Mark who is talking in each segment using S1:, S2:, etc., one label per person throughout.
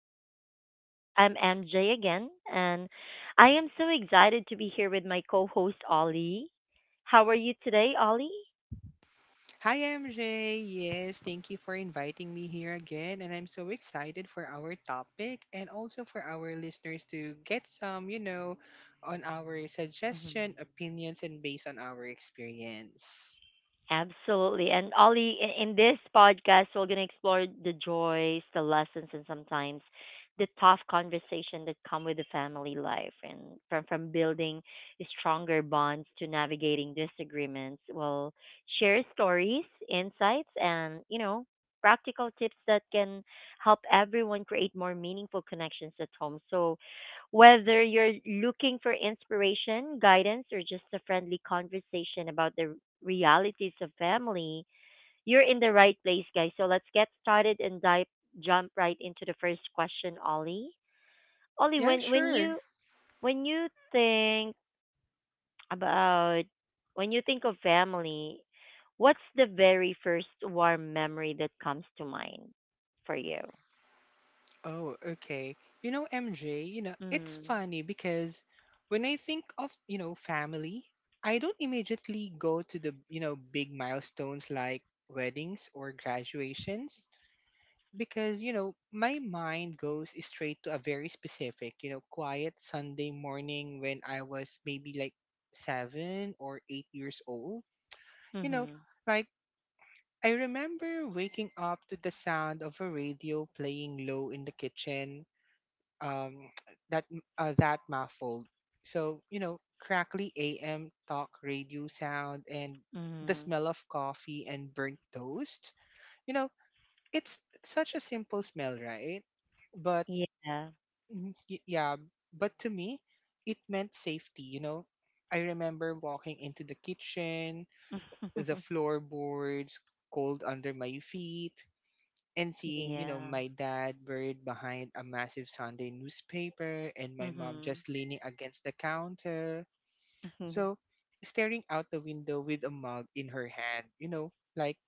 S1: podcast. I'm MJ again, and I am so excited to be here with my co host, Ollie. How are you today, Ollie?
S2: Hi, MJ. Yes, thank you for inviting me here again. And I'm so excited for our topic and also for our listeners to get some, on our suggestion, opinions, and based on our experience.
S1: Absolutely. And Ollie, in this podcast, we're going to explore the joys, the lessons, and sometimes the tough conversation that come with the family life and from building stronger bonds to navigating disagreements. We'll share stories, insights, and, you know, practical tips that can help everyone create more meaningful connections at home. So, whether you're looking for inspiration, guidance, or just a friendly conversation about the realities of family, you're in the right place, guys. So let's get started and dive jump right into the first question, Ollie. Ollie,
S2: Yeah, sure.
S1: when you think about when you think of family, what's the very first warm memory that comes to mind for you?
S2: Oh, okay. MJ, it's
S1: Mm.
S2: funny because when I think of, family, I don't immediately go to the, big milestones like weddings or graduations. Because my mind goes straight to a very specific, quiet Sunday morning when I was maybe like 7 or 8 years old. you know
S1: Mhm.
S2: like I remember waking up to the sound of a radio playing low in the kitchen, um that that muffled, so crackly AM talk radio sound, and the
S1: Mhm.
S2: smell of coffee and burnt toast. you know it's such a simple smell, right? But
S1: Yeah.
S2: Mhm. Yeah, but to me, it meant safety. I remember walking into the kitchen, the floorboards cold under my feet, and seeing,
S1: Yeah.
S2: my dad buried behind a massive Sunday newspaper and my mom
S1: Mhm.
S2: just leaning against the counter.
S1: Yeah. Mhm.
S2: So, staring out the window with a mug in her hand, you know, like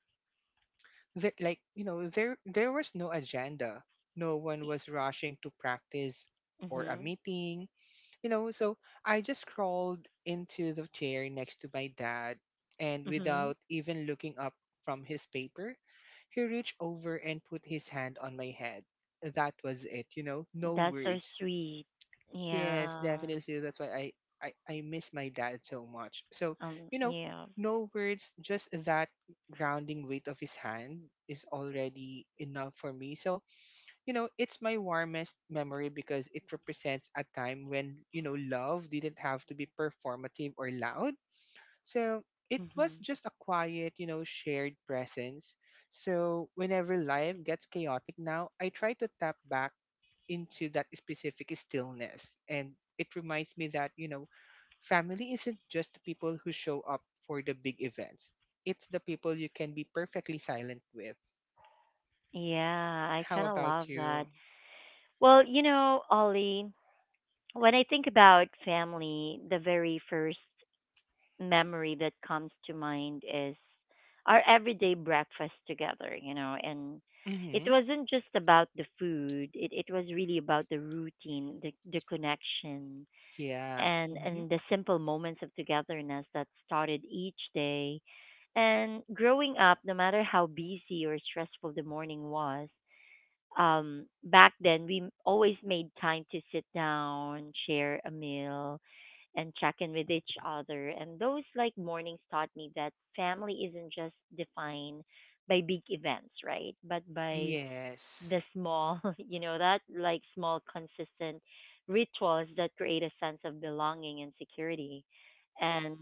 S2: that like, you know, there was no agenda. No one was rushing to practice or a
S1: Mhm.
S2: meeting, so I just crawled into the chair next to my dad, and
S1: Mhm.
S2: without even looking up from his paper, he reached over and put his hand on my head. That was it, you know, no
S1: That's so
S2: words.
S1: sweet.
S2: Yes,
S1: Yeah.
S2: definitely. That's why I, I miss my dad so much. So, you know,
S1: Yeah.
S2: no words, just that grounding weight of his hand is already enough for me. So, it's my warmest memory because it represents a time when, love didn't have to be performative or loud. So it was
S1: Hmm.
S2: just a quiet, shared presence. So whenever life gets chaotic now, I try to tap back into that specific stillness. And it reminds me that, family isn't just people who show up for the big events, it's the people you can be perfectly silent with.
S1: Yeah, I
S2: How
S1: kind of
S2: about
S1: love that.
S2: you?
S1: Well, you know, Ollie, when I think about family, the very first memory that comes to mind is our everyday breakfast together, you know, and it
S2: Hmm.
S1: wasn't just about the food. It was really about the routine, the connection,
S2: Yeah.
S1: and
S2: Mm-hmm.
S1: and the simple moments of togetherness that started each day. And growing up, no matter how busy or stressful the morning was, back then we always made time to sit down, share a meal, and check in with each other. And those like mornings taught me that family isn't just defined by big events, right? But by
S2: Yes.
S1: the small, you know, that like small consistent rituals that create a sense of belonging and security. And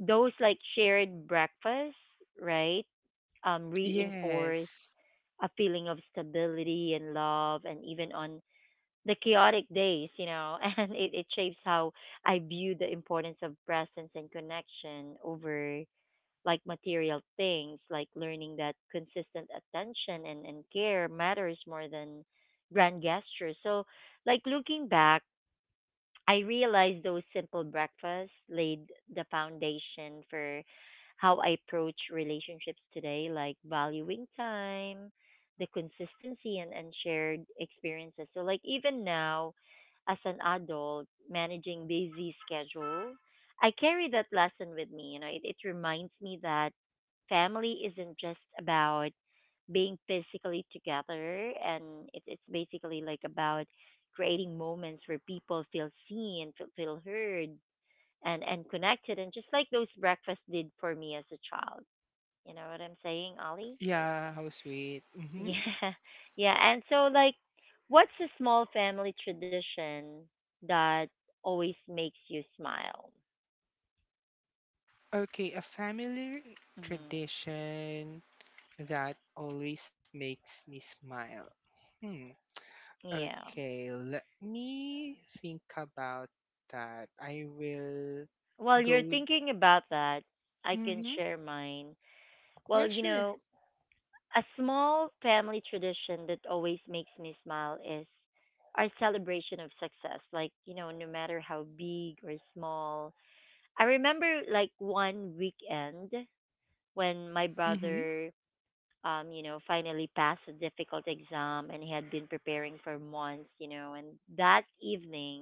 S1: those like shared breakfasts, right, reinforce
S2: Yes.
S1: a feeling of stability and love, and even on the chaotic days, you know, and it shapes how I view the importance of presence and connection over like material things, like learning that consistent attention and care matters more than grand gestures. So, like looking back, I realized those simple breakfasts laid the foundation for how I approach relationships today, like valuing time, the consistency, and shared experiences. So, like, even now, as an adult managing busy schedule, I carry that lesson with me. You know, it reminds me that family isn't just about being physically together, and it's basically like about creating moments where people feel seen, feel heard, and connected, and just like those breakfasts did for me as a child. You know what I'm saying, Ollie?
S2: Yeah, how sweet. Mm-hmm.
S1: Yeah. Yeah, and so like, what's a small family tradition that always makes you smile?
S2: Okay, a family
S1: Hmm.
S2: tradition that always makes me smile. Hmm.
S1: Yeah,
S2: Okay, let me think about that. I will
S1: while you're
S2: go.
S1: thinking about that, I can
S2: Mm-hmm.
S1: share mine.
S2: Yeah,
S1: Well, you
S2: sure.
S1: know, a small family tradition that always makes me smile is our celebration of success. Like, you know, no matter how big or small. I remember like one weekend when my
S2: Mm-hmm.
S1: brother, you know, finally passed a difficult exam, and he had been preparing for months, you know, and that evening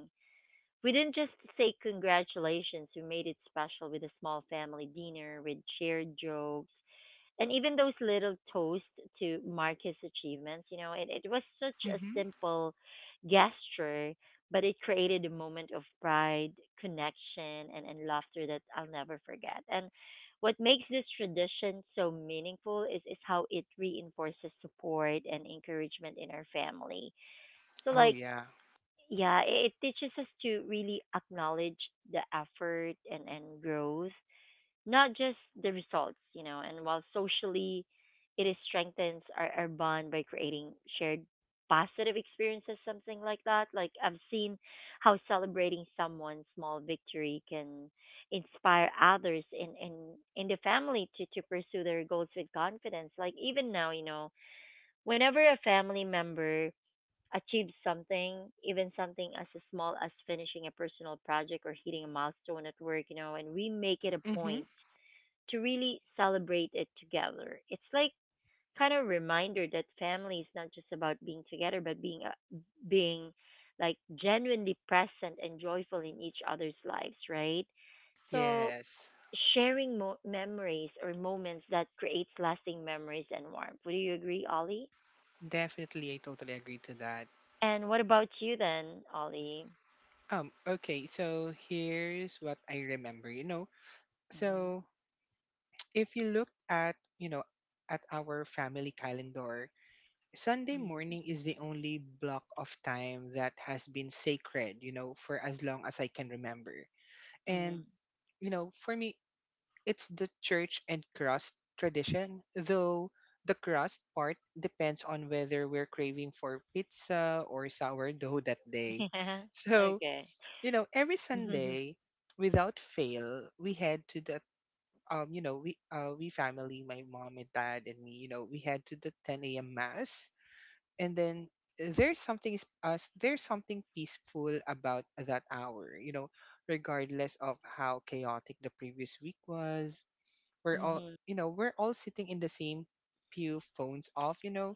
S1: we didn't just say congratulations, we made it special with a small family dinner with shared jokes and even those little toasts to mark his achievements. You know, it was such a
S2: Mm-hmm.
S1: simple gesture, but it created a moment of pride, connection, and laughter that I'll never forget. And what makes this tradition so meaningful is how it reinforces support and encouragement in our family. So,
S2: Oh,
S1: like,
S2: yeah.
S1: yeah, it teaches us to really acknowledge the effort and growth, not just the results, you know. And while socially it is strengthens our bond by creating shared positive experiences, something like that. Like I've seen how celebrating someone's small victory can inspire others in the family to pursue their goals with confidence. Like even now, you know, whenever a family member achieves something, even something as small as finishing a personal project or hitting a milestone at work, you know, and we make it a
S2: Mm-hmm.
S1: point to really celebrate it together. It's like kind of reminder that family is not just about being together, but being like genuinely present and joyful in each other's lives, right? So
S2: Yes.
S1: sharing memories or moments that creates lasting memories and warmth. Would you agree, Ollie?
S2: Definitely, I totally agree to that.
S1: And what about you then, Ollie?
S2: Okay, so here's what I remember. you know.
S1: Mm-hmm.
S2: So if you look at, at our family calendar, Sunday
S1: Mm-hmm.
S2: morning is the only block of time that has been sacred, for as long as I can remember. And for me, it's the church and cross tradition, though the crust part depends on whether we're craving for pizza or sourdough that day.
S1: Yeah.
S2: So
S1: Okay.
S2: every Sunday without fail we head to the, you know, we family, my mom and dad and me, we head to the 10 a.m. mass, and then there's something peaceful about that hour, regardless of how chaotic the previous week was. We're all,
S1: Mm-hmm.
S2: you know, we're all sitting in the same pew, phones off,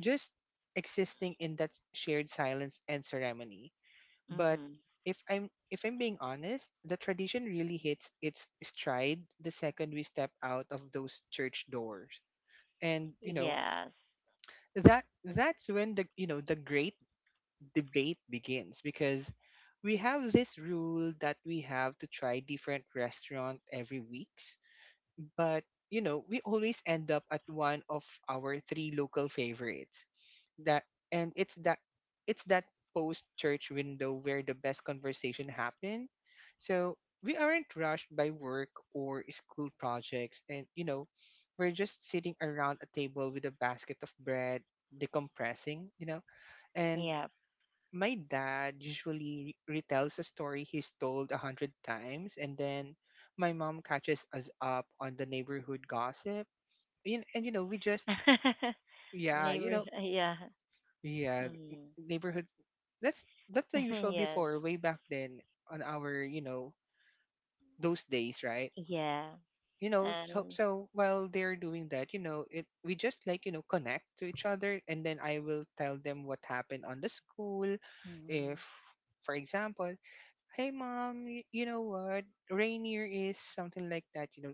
S2: just existing in that shared silence and ceremony. But
S1: Mm-hmm.
S2: if I'm being honest, the tradition really hits its stride the second we step out of those church doors. And you know,
S1: Yes.
S2: that that's when the, the great debate begins because we have this rule that we have to try different restaurant every weeks, but we always end up at one of our three local favorites. That, and it's that post church window where the best conversation happen. So we aren't rushed by work or school projects, and we're just sitting around a table with a basket of bread, decompressing, and
S1: Yeah.
S2: my dad usually retells a story he's told 100 times, and then my mom catches us up on the neighborhood gossip, and we just, yeah,
S1: Neighbor, yeah.
S2: yeah,
S1: Mm.
S2: neighborhood. That's the usual,
S1: Yes.
S2: before, way back then on our, those days, right?
S1: Yeah.
S2: you know so
S1: And
S2: so while they're doing that, you know it we just, like, connect to each other, and then I will tell them what happened on the school. If,
S1: mhm.
S2: for example, hey, Mom, you know what Rainier is, something like that,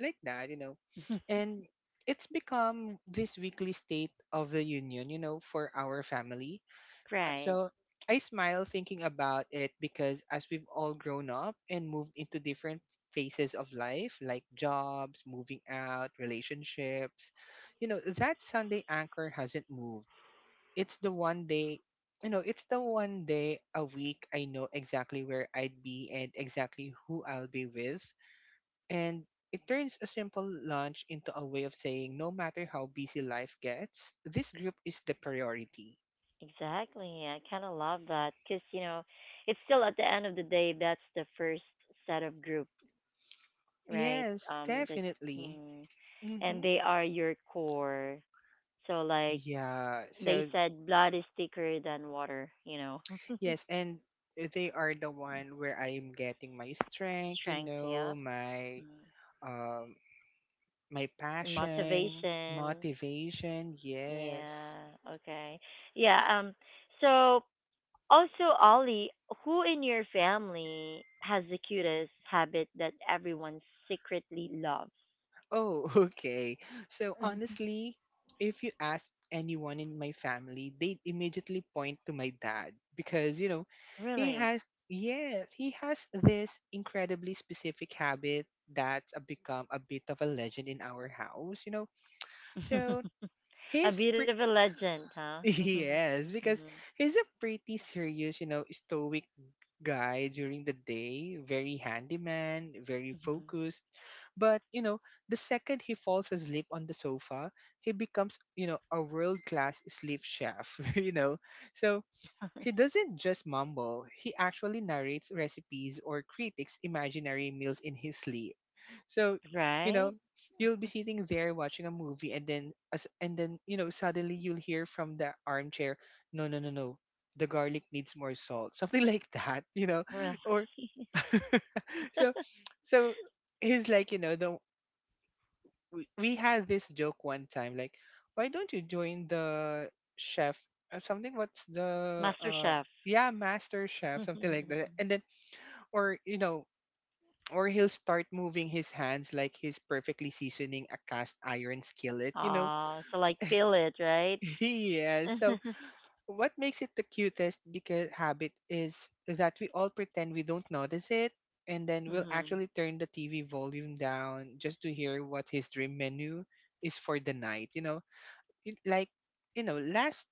S2: like that you know and it's become this weekly state of the union, for our family. So
S1: Right.
S2: I smile thinking about it because as we've all grown up and moved into different phases of life, like jobs, moving out, relationships, that Sunday anchor hasn't moved. It's the one day, you know, it's the one day a week I know exactly where I'd be and exactly who I'll be with. And it turns a simple lunch into a way of saying, no matter how busy life gets, this group is the priority.
S1: Exactly. I kind of love that because, you know, it's still at the end of the day, that's the first set of group, right?
S2: Yes,
S1: That,
S2: definitely.
S1: mm, and
S2: Mm-hmm.
S1: they are your core. So, like,
S2: Yeah.
S1: they
S2: So
S1: said blood is thicker than water, you know.
S2: yes, and they are the one where I am getting my strength,
S1: Strength, yep. Mm.
S2: um my passion,
S1: Motivation.
S2: motivation. Yes.
S1: Yeah. Okay. Yeah. So also, Ollie, who in your family has the cutest habit that everyone secretly loves?
S2: Oh, okay. So
S1: Mhm.
S2: honestly, if you ask anyone in my family, they immediately point to my dad because, you know, he
S1: Really?
S2: has yes, he has this incredibly specific habit that's a become a bit of a legend in our house. So
S1: A
S2: he's
S1: bit of
S2: pre-
S1: a legend, huh? Mm-hmm.
S2: yes, because
S1: Mm-hmm.
S2: he's a pretty serious, stoic guy during the day, very handyman, very
S1: Mm-hmm.
S2: focused. But the second he falls asleep on the sofa, he becomes, a world class sleep chef. So he doesn't just mumble, he actually narrates recipes or critics imaginary meals in his sleep. So, you
S1: Right?
S2: know, you'll be sitting there watching a movie, and then as and then, you know, suddenly you'll hear from the armchair, "No, no, no, no, the garlic needs more salt." Something like that,
S1: Really?
S2: Or so so he's like, you know, the we had this joke one time like, why don't you join the chef, something, what's the,
S1: Master Chef.
S2: yeah, Master Chef, something like that? And then, or or he'll start moving his hands like he's perfectly seasoning a cast iron skillet,
S1: Ah, so like feel it, right?
S2: Yeah, so
S1: Mm-hmm.
S2: what makes it the cutest, because habit, is that we all pretend we don't notice it, and then we'll
S1: Mm-hmm.
S2: actually turn the TV volume down just to hear what his dream menu is for the night, it, like, you know last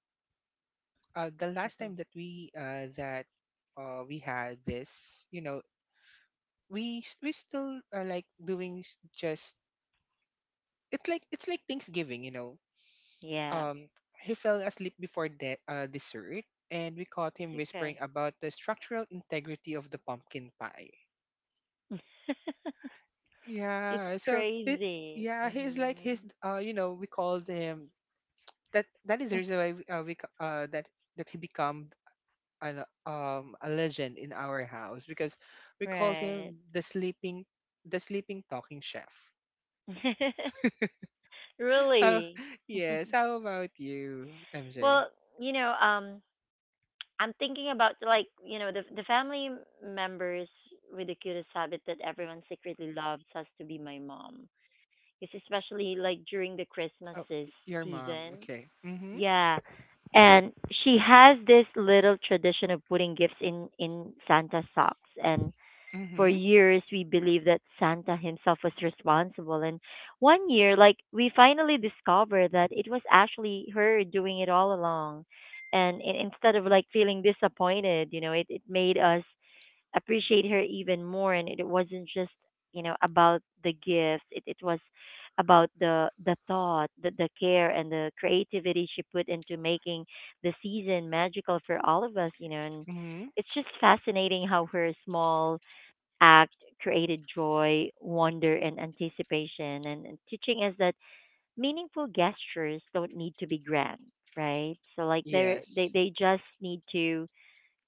S2: the last time that we, that we had this, you know we s- we still, like, doing, s- just it's like, Thanksgiving,
S1: Yeah.
S2: um he fell asleep before dessert, and we caught him whispering
S1: It's
S2: about the structural integrity of the pumpkin pie.
S1: okay. It's
S2: Yeah, so it,
S1: crazy.
S2: yeah, he's
S1: Hmm.
S2: like, his, we called him, that is the reason why we ca- that that he become an, a legend in our house, because we called
S1: Right.
S2: him the sleeping talking chef. How
S1: Really.
S2: Yes, how about you, MJ?
S1: Well, you know, I'm thinking about like, you know, the family members with the cutest habit that everyone secretly loves has to be my mom. It's especially like during the Christmas
S2: Oh, your mom.
S1: season.
S2: Okay. Mhm.
S1: Yeah. And she has this little tradition of putting gifts in Santa's socks, and for
S2: Mhm.
S1: years we believed that Santa himself was responsible. And one year, like, we finally discovered that it was actually her doing it all along. And instead of like feeling disappointed, you know, it made us appreciate her even more. And it wasn't just, you know, about the gifts, it was about the thought, the care, and the creativity she put into making the season magical for all of us, you know. And
S2: Mhm.
S1: it's just fascinating how her small act created joy, wonder, and anticipation. And teaching us that meaningful gestures don't need to be grand, right? So like they're, they
S2: Yes.
S1: they just need to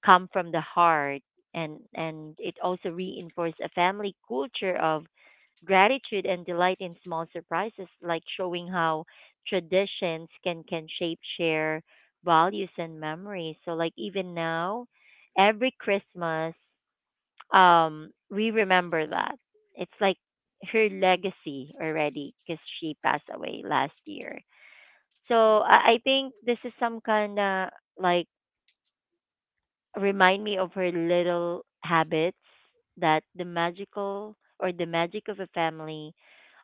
S1: come from the heart, and it also reinforces a family culture of gratitude and delight in small surprises, like showing how traditions can shape share values and memories. So like even now, every Christmas we remember that. It's like her legacy already, because she passed away last year. So I think this is some kind of like remind me of her little habits, that the magical or the magic of a family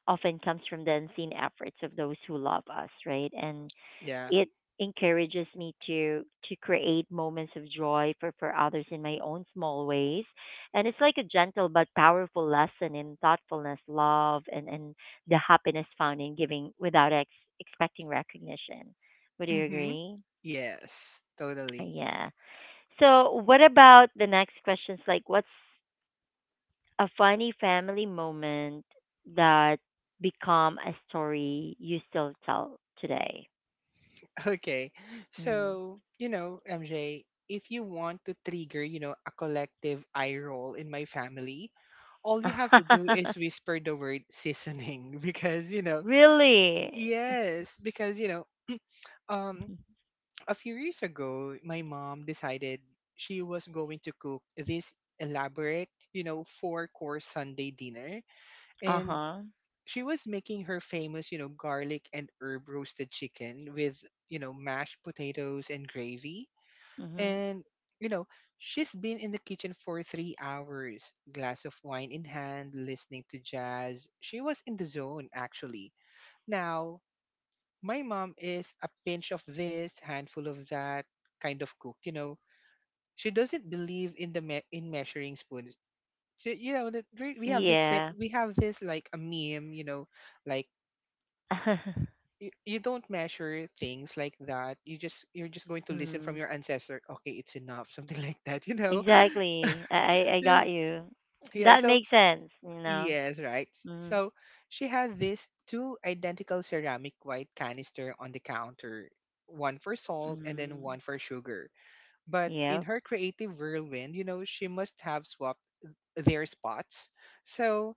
S1: often comes from the unseen efforts of those who love us, right? And
S2: Yeah.
S1: it encourages me to create moments of joy for others in my own small ways. And it's like a gentle but powerful lesson in thoughtfulness, love, and the happiness found in giving without expecting recognition. Would you
S2: Mhm.
S1: agree?
S2: Yes. Totally.
S1: Yeah, so what about the next questions, like what's a funny family moment that become a story you still tell today?
S2: Okay.
S1: Mm.
S2: So, MJ, if you want to trigger, a collective eye roll in my family, all you have to do is whisper the word seasoning. Because,
S1: Really?
S2: yes, because, um a few years ago, my mom decided she was going to cook this elaborate, four-course Sunday dinner, and
S1: Uh-huh.
S2: she was making her famous, garlic and herb roasted chicken with, mashed potatoes and gravy.
S1: Hmm.
S2: And, you know, she's been in the kitchen for 3 hours, glass of wine in hand, listening to jazz. She was in the zone, actually. Now, my mom is a pinch of this, handful of that kind of cook, She doesn't believe in measuring spoons. So, you know, that we have this set,
S1: Yeah.
S2: we have this like a meme, like, you don't measure things like that. You just, you're just going to listen from
S1: Mm.
S2: your ancestor. Okay, it's enough, something like that,
S1: Exactly. I got you.
S2: Yeah,
S1: That
S2: so
S1: makes sense, you know.
S2: yes, right.
S1: Mm.
S2: So she had these two identical ceramic white canister on the counter, one for salt and then
S1: Mm.
S2: one for sugar. But in
S1: Yep.
S2: her creative whirlwind, she must have swapped their spots. So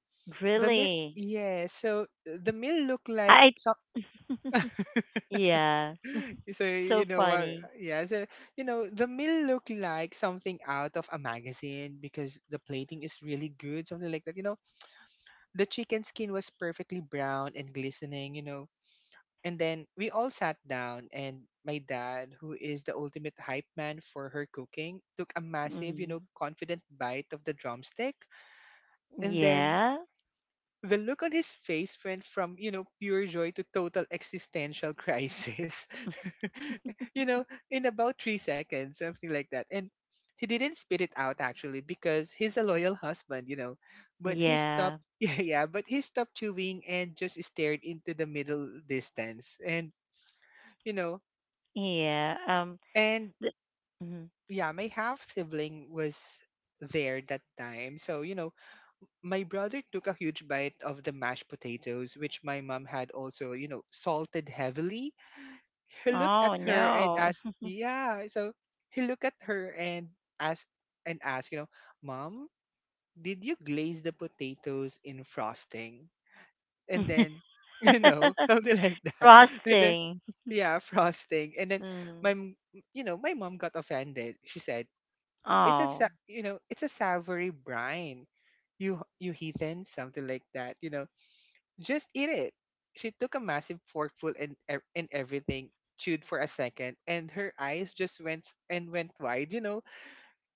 S2: the meal,
S1: Really.
S2: yeah, so the meal looked like
S1: I
S2: some.
S1: Yeah.
S2: So
S1: So
S2: you know what?
S1: funny.
S2: Yeah, so the meal looked like something out of a magazine because the plating is really good, something like that. The chicken skin was perfectly brown and glistening, And then we all sat down, and my dad, who is the ultimate hype man for her cooking, took a massive,
S1: Mm.
S2: confident bite of the drumstick. And then
S1: Yeah.
S2: the look on his face went from, pure joy to total existential crisis. you know, in about 3 seconds, something like that. And he didn't spit it out actually because he's a loyal husband, you know. But he
S1: Yeah.
S2: stopped, yeah, yeah. But he stopped chewing and just stared into the middle distance. You know,
S1: Yeah.
S2: and
S1: Th- mhm.
S2: yeah, my half sibling was there that time. So you know, my brother took a huge bite of the mashed potatoes, which my mom had also, salted heavily. He looked
S1: Oh
S2: at her and
S1: no.
S2: asked, yeah. So he looked at her and asked asked, you know, Mom, did you glaze the potatoes in frosting? And then, you know, something like that. And then
S1: Frosting.
S2: yeah, frosting. And then
S1: Mm.
S2: my m- you know, my mom got offended. She said, it's
S1: Oh.
S2: you know, it's a savory brine. You heathen, something like that, you know. Just eat it. She took a massive forkful and everything, chewed for a second, and her eyes just went s- and went wide. You know,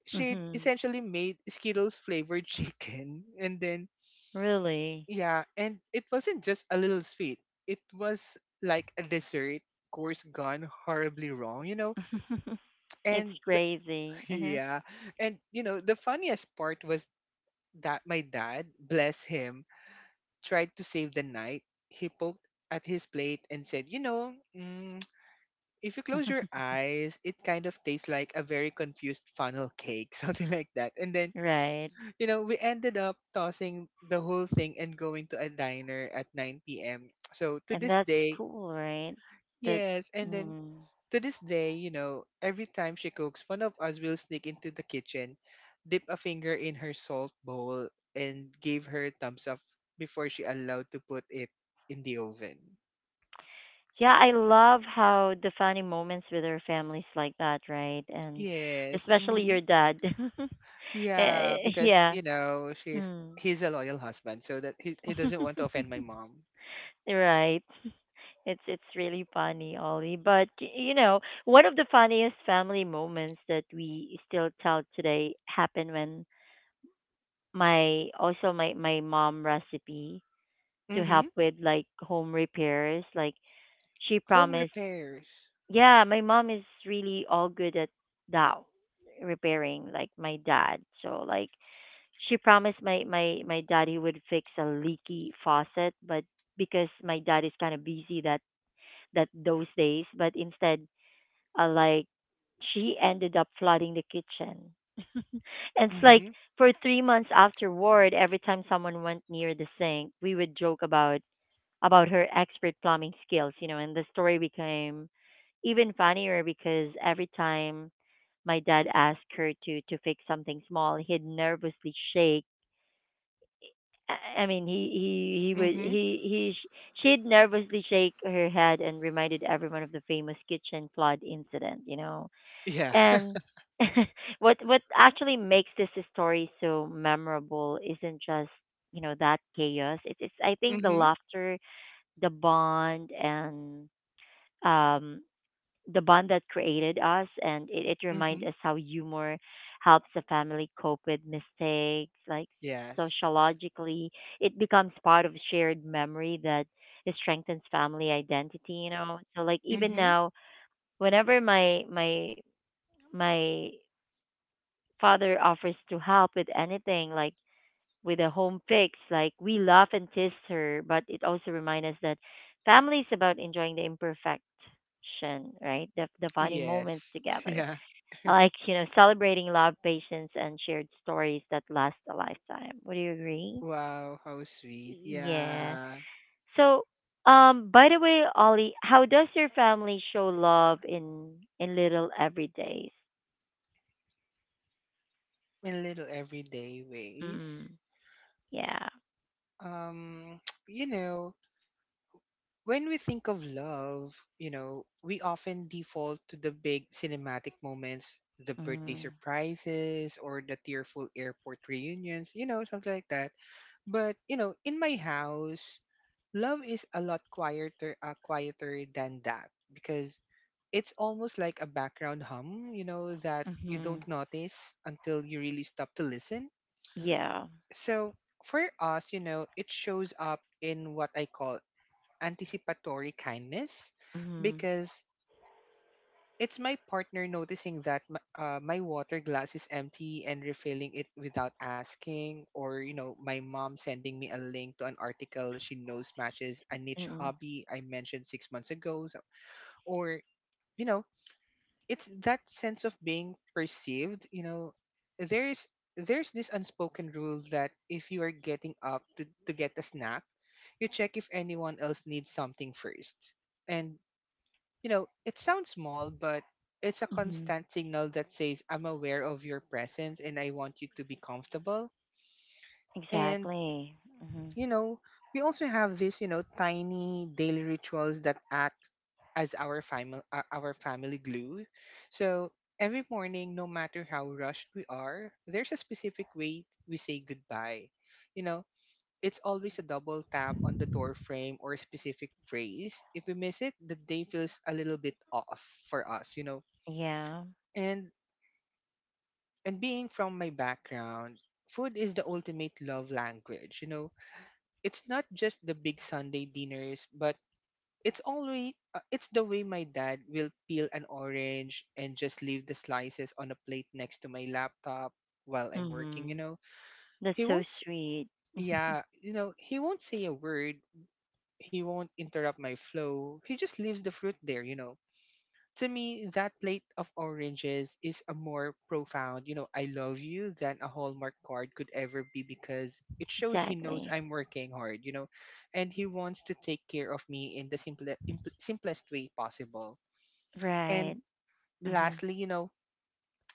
S2: she
S1: Hmm.
S2: essentially made Skittles flavored chicken, and then
S1: Really?
S2: yeah, and it wasn't just a little sweet. It was like a dessert course gone horribly wrong. You know,
S1: It's
S2: and the,
S1: crazy. Uh
S2: yeah, and you know the funniest part was that my dad, bless him, tried to save the night. He poked at his plate and said, you know, mm, if you close your
S1: huh.
S2: eyes, it kind of tastes like a very confused funnel cake, something like that. And then,
S1: Right.
S2: we ended up tossing the whole thing and going to a diner at 9 p.m. So to
S1: And
S2: this
S1: that's
S2: day,
S1: cool, right? That
S2: yes. And then
S1: Mm.
S2: to this day, you know, every time she cooks, one of us will sneak into the kitchen, dip a finger in her salt bowl, and give her a thumbs up before she allowed to put it in the oven.
S1: Yeah, I love how the funny moments with our families like that, right? And
S2: Yes.
S1: especially
S2: Mhm.
S1: your dad.
S2: Yeah, because
S1: Yeah.
S2: you know she's
S1: Mm.
S2: he's a loyal husband, so that he doesn't want to offend my mom.
S1: Right. It's really funny, Ollie. But you know, one of the funniest family moments that we still tell today happened when my also my mom recipe to
S2: Mm-hmm.
S1: help with like home repairs. Like she
S2: Home
S1: promised,
S2: repairs.
S1: yeah, my mom is really all good at that repairing, like my dad. So like she promised my my daddy would fix a leaky faucet, but because my dad is kind of busy that that those days, but instead like she ended up flooding the kitchen. And it's like
S2: Mm-hmm.
S1: for 3 months afterward, every time someone went near the sink, we would joke about her expert plumbing skills, you know. And the story became even funnier because every time my dad asked her to fix something small, he'd nervously shake. He would
S2: Mm-hmm.
S1: he sh- She'd nervously shake her head and reminded everyone of the famous kitchen flood incident. You know?
S2: Yeah.
S1: And what actually makes this story so memorable isn't just, you know, that chaos. It's I think the
S2: Mm-hmm.
S1: laughter, the bond, and um, the bond that created us, and it reminds
S2: Mm-hmm.
S1: us how humor helps a family cope with mistakes. Like
S2: Yes.
S1: sociologically, it becomes part of shared memory that it strengthens family identity. You know, so like even
S2: Mm-hmm.
S1: now, whenever my father offers to help with anything, like with a home fix, like we laugh and tease her, but it also reminds us that family is about enjoying the imperfection, right? The funny moments
S2: Yes.
S1: together,
S2: Yeah.
S1: like, you know, celebrating love, patience, and shared stories that last a lifetime. Would you agree?
S2: Wow, how sweet.
S1: Yeah.
S2: Yeah.
S1: So, by the way, Ollie, how does your family show love in little everydays?
S2: In little everyday ways.
S1: Mm, yeah.
S2: Um, you know, when we think of love, you know, we often default to the big cinematic moments, the birthday
S1: Mm,
S2: surprises or the tearful airport reunions, you know, something like that. But, you know, in my house, love is a lot quieter, quieter than that because it's almost like a background hum, you know, that you
S1: mm-hmm.
S2: don't notice until you really stop to listen.
S1: Yeah.
S2: So for us, you know, it shows up in what I call anticipatory kindness
S1: Mhm.
S2: because it's my partner noticing that my water glass is empty and refilling it without asking or you know my mom sending me a link to an article she knows matches a niche
S1: Mm-mm.
S2: hobby I mentioned 6 months ago. So, or you know it's that sense of being perceived. You know, there's there's this unspoken rule that if you are getting up to get a snack, you check if anyone else needs something first. And you know it sounds small, but it's a
S1: Mhm.
S2: constant signal that says I'm aware of your presence and I want you to be comfortable. And
S1: Exactly. Mhm.
S2: you know, we also have this, you know, tiny daily rituals that act as our family glue. So every morning, no matter how rushed we are, there's a specific way we say goodbye. You know, it's always a double tap on the door frame or a specific phrase. If we miss it, the day feels a little bit off for us, you know.
S1: Yeah.
S2: And and being from my background, food is the ultimate love language, you know. It's not just the big Sunday dinners, but it's the way my dad will peel an orange and just leave the slices on a plate next to my laptop while I'm working, you
S1: Mhm.
S2: know.
S1: That's
S2: He
S1: so
S2: won't s-
S1: sweet.
S2: yeah, you know, he won't say a word. He won't interrupt my flow. He just leaves the fruit there, you know. To me, that plate of oranges is a more profound, you know, I love you than a Hallmark card could ever be because it shows he knows
S1: Exactly.
S2: I'm working hard, you know, and he wants to take care of me in the simplest way possible. And
S1: Right. Mhm.
S2: lastly, you know,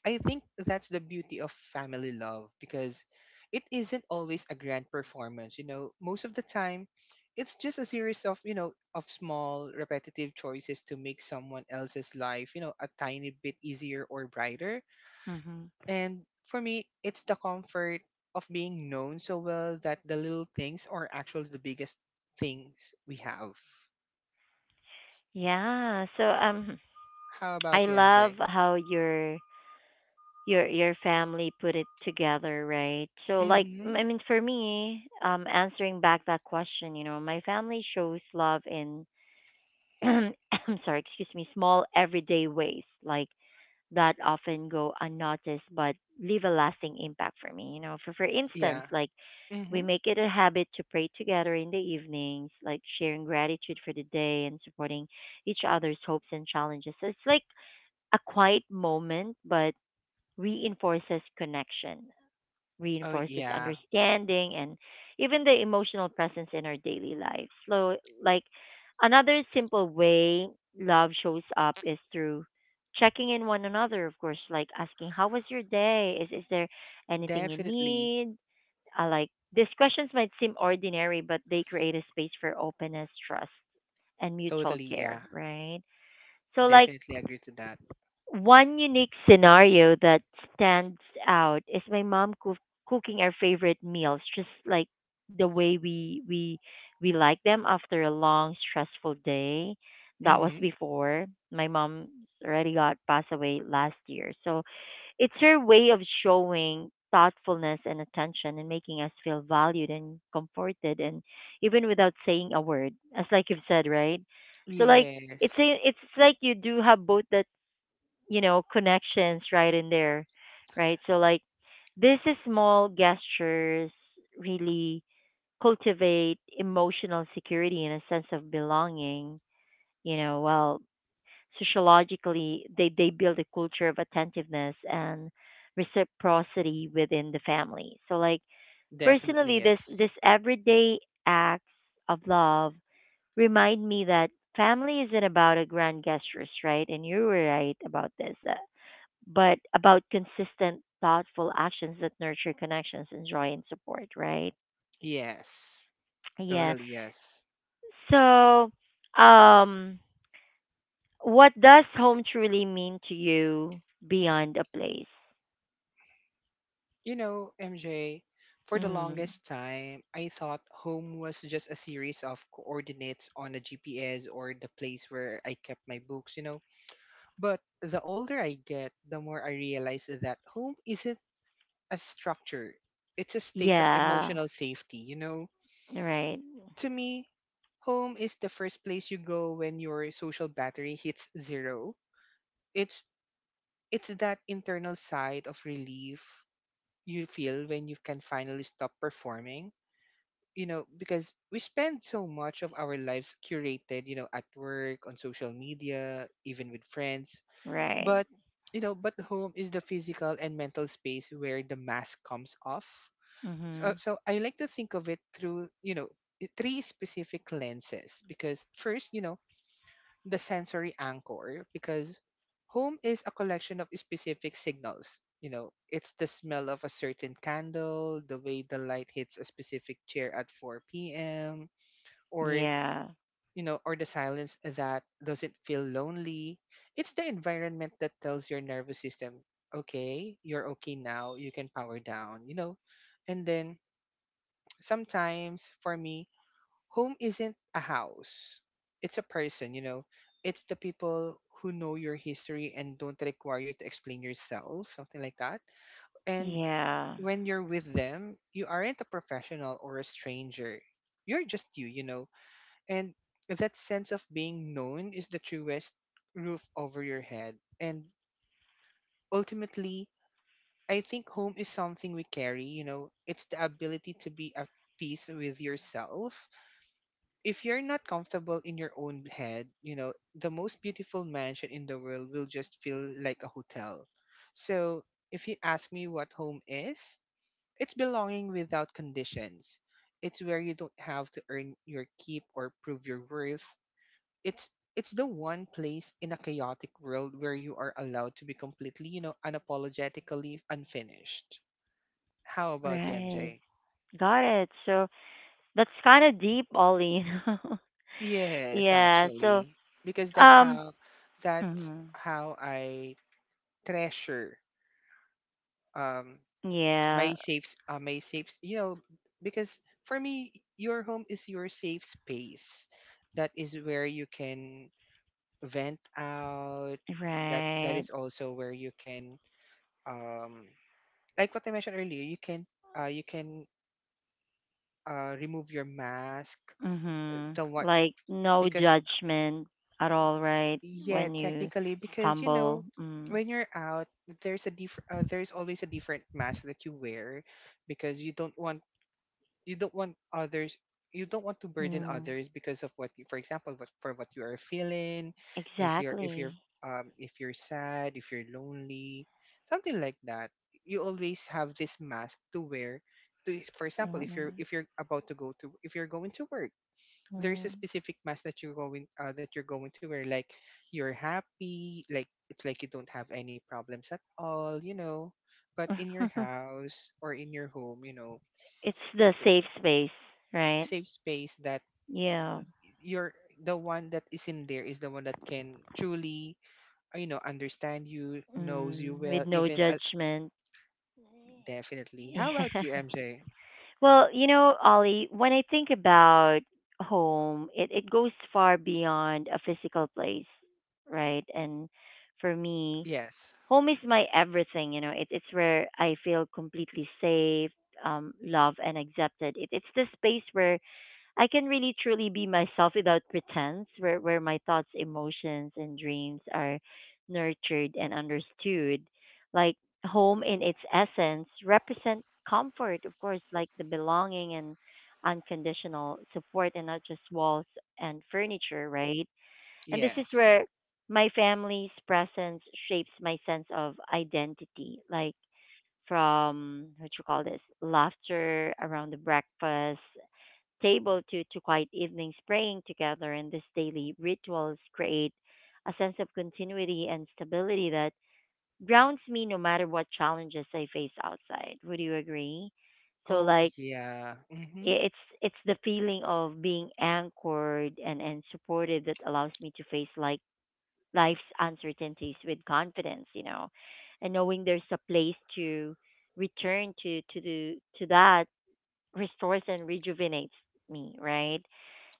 S2: I think that's the beauty of family love because it isn't always a grand performance, you know. Most of the time, it's just a series of, you know, of small repetitive choices to make someone else's life, you know, a tiny bit easier or brighter.
S1: Mhm.
S2: And for me, it's the comfort of being known so well that the little things are actually the biggest things we have.
S1: Yeah. So,
S2: How
S1: I
S2: about you,
S1: love
S2: MJ?
S1: how your family put it together, right? So like
S2: Mhm.
S1: I mean for me, answering back that question, you know, my family shows love in I'm sorry, excuse me, small everyday ways like that often go unnoticed but leave a lasting impact for me. You know, for instance,
S2: Yeah.
S1: like we
S2: Mhm.
S1: make it a habit to pray together in the evenings, like sharing gratitude for the day and supporting each other's hopes and challenges. So it's like a quiet moment, but reinforces connection
S2: Oh
S1: reinforces
S2: yeah.
S1: understanding and even the emotional presence in our daily life. So, like another simple way love shows up is through checking in one another, of course, like asking, how was your day? Is there anything you
S2: Definitely.
S1: need? I like these questions might seem ordinary, but they create a space for openness, trust, and mutual
S2: Totally,
S1: care,
S2: yeah.
S1: right? So, like,
S2: Definitely agree to that.
S1: one unique scenario that stands out is my mom cooking our favorite meals, just like the way we like them after a long stressful day. That was
S2: Hmm.
S1: before my mom already got passed away last year. So it's her way of showing thoughtfulness and attention and making us feel valued and comforted and even without saying a word. As like you've said, right? So like
S2: Yes.
S1: it's like you do have both that, you know, connections right in there, right? So like these small gestures really cultivate emotional security and a sense of belonging, you know. Well, sociologically they build a culture of attentiveness and reciprocity within the family. So like
S2: Definitely
S1: personally, this
S2: yes.
S1: everyday acts of love remind me that family isn't about a grand gestures, right? And you were right about this, but about consistent, thoughtful actions that nurture connections and joy and support, right?
S2: Yes.
S1: Yeah.
S2: Totally yes.
S1: So, um, what does home truly mean to you beyond a place?
S2: You know, MJ, for the
S1: Mm.
S2: longest time, I thought home was just a series of coordinates on a GPS or the place where I kept my books, you know. But the older I get, the more I realize that home isn't a structure, it's a state of
S1: Yeah.
S2: emotional safety, you know.
S1: Right.
S2: To me, home is the first place you go when your social battery hits zero. It's it's that internal side of relief you feel when you can finally stop performing. You know, because we spend so much of our lives curated, you know, at work, on social media, even with friends.
S1: Right.
S2: But but home is the physical and mental space where the mask comes off. so,
S1: Mhm.
S2: so I like to think of it through, you know, three specific lenses. Because first, you know, the sensory anchor, because home is a collection of specific signals. You know, it's the smell of a certain candle, the way the light hits a specific chair at 4 p.m., or,
S1: Yeah.
S2: or the silence that doesn't feel lonely. It's the environment that tells your nervous system, okay, you're okay now, you can power down, you know. And then sometimes for me, home isn't a house. It's a person, you know. It's the people who know your history and don't require you to explain yourself, something like that. And
S1: Yeah.
S2: when you're with them, you aren't a professional or a stranger. You're just you, you know. And that sense of being known is the truest roof over your head. And ultimately, I think home is something we carry, you know. It's the ability to be at peace with yourself. If you're not comfortable in your own head, you know, the most beautiful mansion in the world will just feel like a hotel. So, if you ask me what home is, it's belonging without conditions. It's where you don't have to earn your keep or prove your worth. It's it's the one place in a chaotic world where you are allowed to be completely, you know, unapologetically unfinished. How about you,
S1: Right.
S2: MJ?
S1: Got it. So that's kind of deep, Ollie.
S2: Yes,
S1: Yeah. So,
S2: actually, because that's
S1: um,
S2: how that's
S1: mhm.
S2: how I treasure um
S1: Yeah.
S2: my safe s- you know. Because for me your home is your safe space. That is where you can vent out. That
S1: Right.
S2: is also where you can um, like what I mentioned earlier, you can remove your mask,
S1: Mhm.
S2: the one
S1: Like no
S2: because
S1: judgment at all, right?
S2: yeah,
S1: When you
S2: technically, because you know,
S1: stumble. Mm.
S2: when you're out, there's a different, there's always a different mask that you wear, because you don't want others, you don't want to burden
S1: Mm.
S2: others because of for example, for what you are feeling, if you're, if you're,
S1: Exactly.
S2: if you're sad, if you're lonely, something like that. You always have this mask to wear. For example, if you're
S1: Mm-mm.
S2: if you're about to go to, if you're going to work,
S1: Hmm.
S2: there's a specific mask that you're going to wear, like you're happy, like it's like you don't have any problems at all, you know. But in your house or in your home, you know,
S1: It's the safe space, right?
S2: safe space, that
S1: Yeah.
S2: you're the one that is in there is the one that can truly you know understand you, knows you
S1: Mm.
S2: well,
S1: With no
S2: even
S1: judgment.
S2: definitely. How about
S1: Yeah.
S2: you, MJ?
S1: Well, you know, Ollie, when I think about home, it goes far beyond a physical place, right? And for me,
S2: Yes.
S1: home is my everything, you know. It it's where I feel completely safe, loved and accepted. It it's the space where I can really truly be myself without pretense, where my thoughts, emotions and dreams are nurtured and understood. Like home in its essence represent comfort, of course, like the belonging and unconditional support and not just walls and furniture, right? And this is
S2: Yes.
S1: where my family's presence shapes my sense of identity, like from what you call this laughter around the breakfast table to quiet evenings praying together. And these daily rituals create a sense of continuity and stability that grounds me no matter what challenges I face outside. Would you agree? So,
S2: Oh
S1: like,
S2: yeah. Mm-hmm.
S1: it's the feeling of being anchored and supported that allows me to face like life's uncertainties with confidence, you know, and knowing there's a place to return to do to that restores and rejuvenates me, right?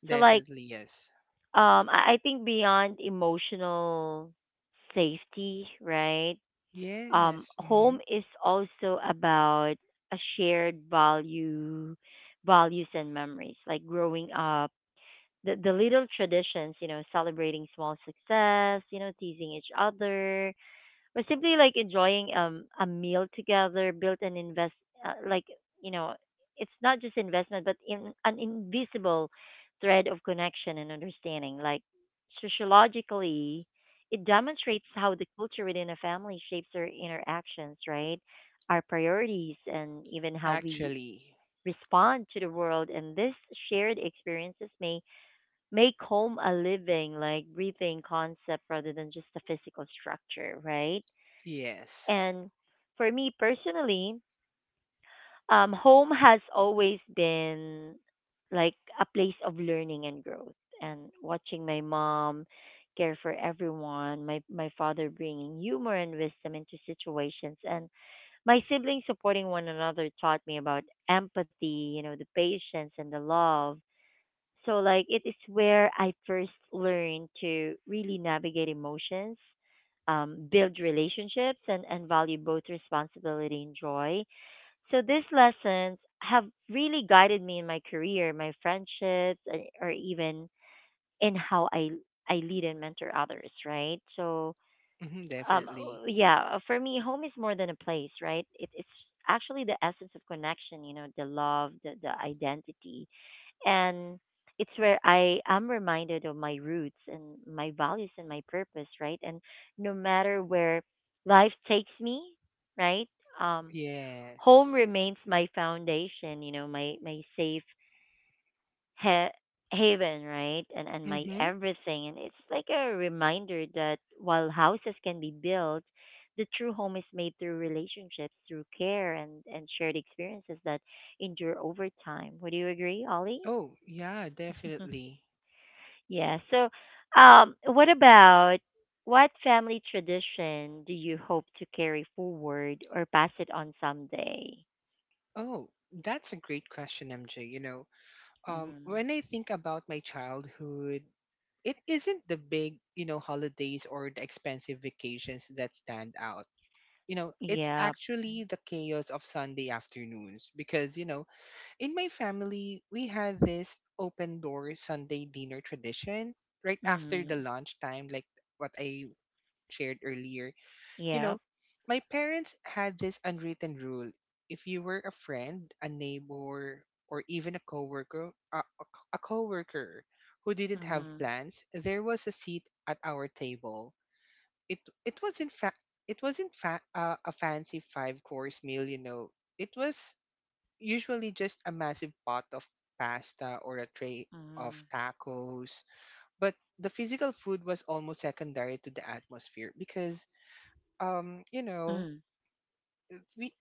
S1: So like
S2: Definitely yes.
S1: I think beyond emotional safety, right?
S2: Yes.
S1: Home
S2: Mm-hmm.
S1: is also about a shared value values and memories. Like growing up the little traditions, you know, celebrating small success, you know, teasing each other, or simply like enjoying a meal together built an invest like, you know, it's not just investment but in an invisible thread of connection and understanding. Like sociologically, it demonstrates how the culture within a family shapes our interactions, right? Our priorities and even how we
S2: Actually,
S1: respond to the world. And this shared experiences may make home a living, like breathing concept rather than just a physical structure, right?
S2: yes.
S1: And for me personally, home has always been like a place of learning and growth. And watching my mom care for everyone, my father bringing humor and wisdom into situations, and my siblings supporting one another taught me about empathy, you know, the patience and the love. So like it is where I first learned to really navigate emotions, build relationships and value both responsibility and joy. So these lessons have really guided me in my career, my friendships and, or even in how I lead and mentor others, right? So
S2: Hmm,
S1: um
S2: definitely.
S1: yeah, for me home is more than a place, right? It's actually the essence of connection, you know, the love, the identity and it's where I am reminded of my roots and my values and my purpose, right? And no matter where life takes me, right? Um, home
S2: Yes.
S1: remains my foundation, you know, my safe ha- haven, right? And my
S2: Mm-hmm.
S1: everything. And it's like a reminder that while houses can be built, the true home is made through relationships, through care, and shared experiences that endure over time. Would you agree, Ollie?
S2: Oh, yeah, definitely.
S1: Yeah. So, what about what family tradition do you hope to carry forward or pass it on someday?
S2: Oh, that's a great question, MJ. You know,
S1: Mm-hmm.
S2: when I think about my childhood, it isn't the big, you know, holidays or the expensive vacations that stand out. You know, it's
S1: Yep.
S2: actually the chaos of Sunday afternoons because, you know, in my family, we had this open door Sunday dinner tradition right after
S1: Mm-hmm.
S2: the lunchtime, like what I shared earlier. You
S1: Yep.
S2: know, my parents had this unwritten rule. If you were a friend, a neighbor, or even a coworker, a coworker who didn't have
S1: Mm-hmm.
S2: plans, there was a seat at our table. It it was in fact it wasn't a fancy five course meal, you know. It was usually just a massive pot of pasta or a tray
S1: Mm-hmm.
S2: of tacos, but the physical food was almost secondary to the atmosphere because um you know
S1: Mm-hmm.
S2: we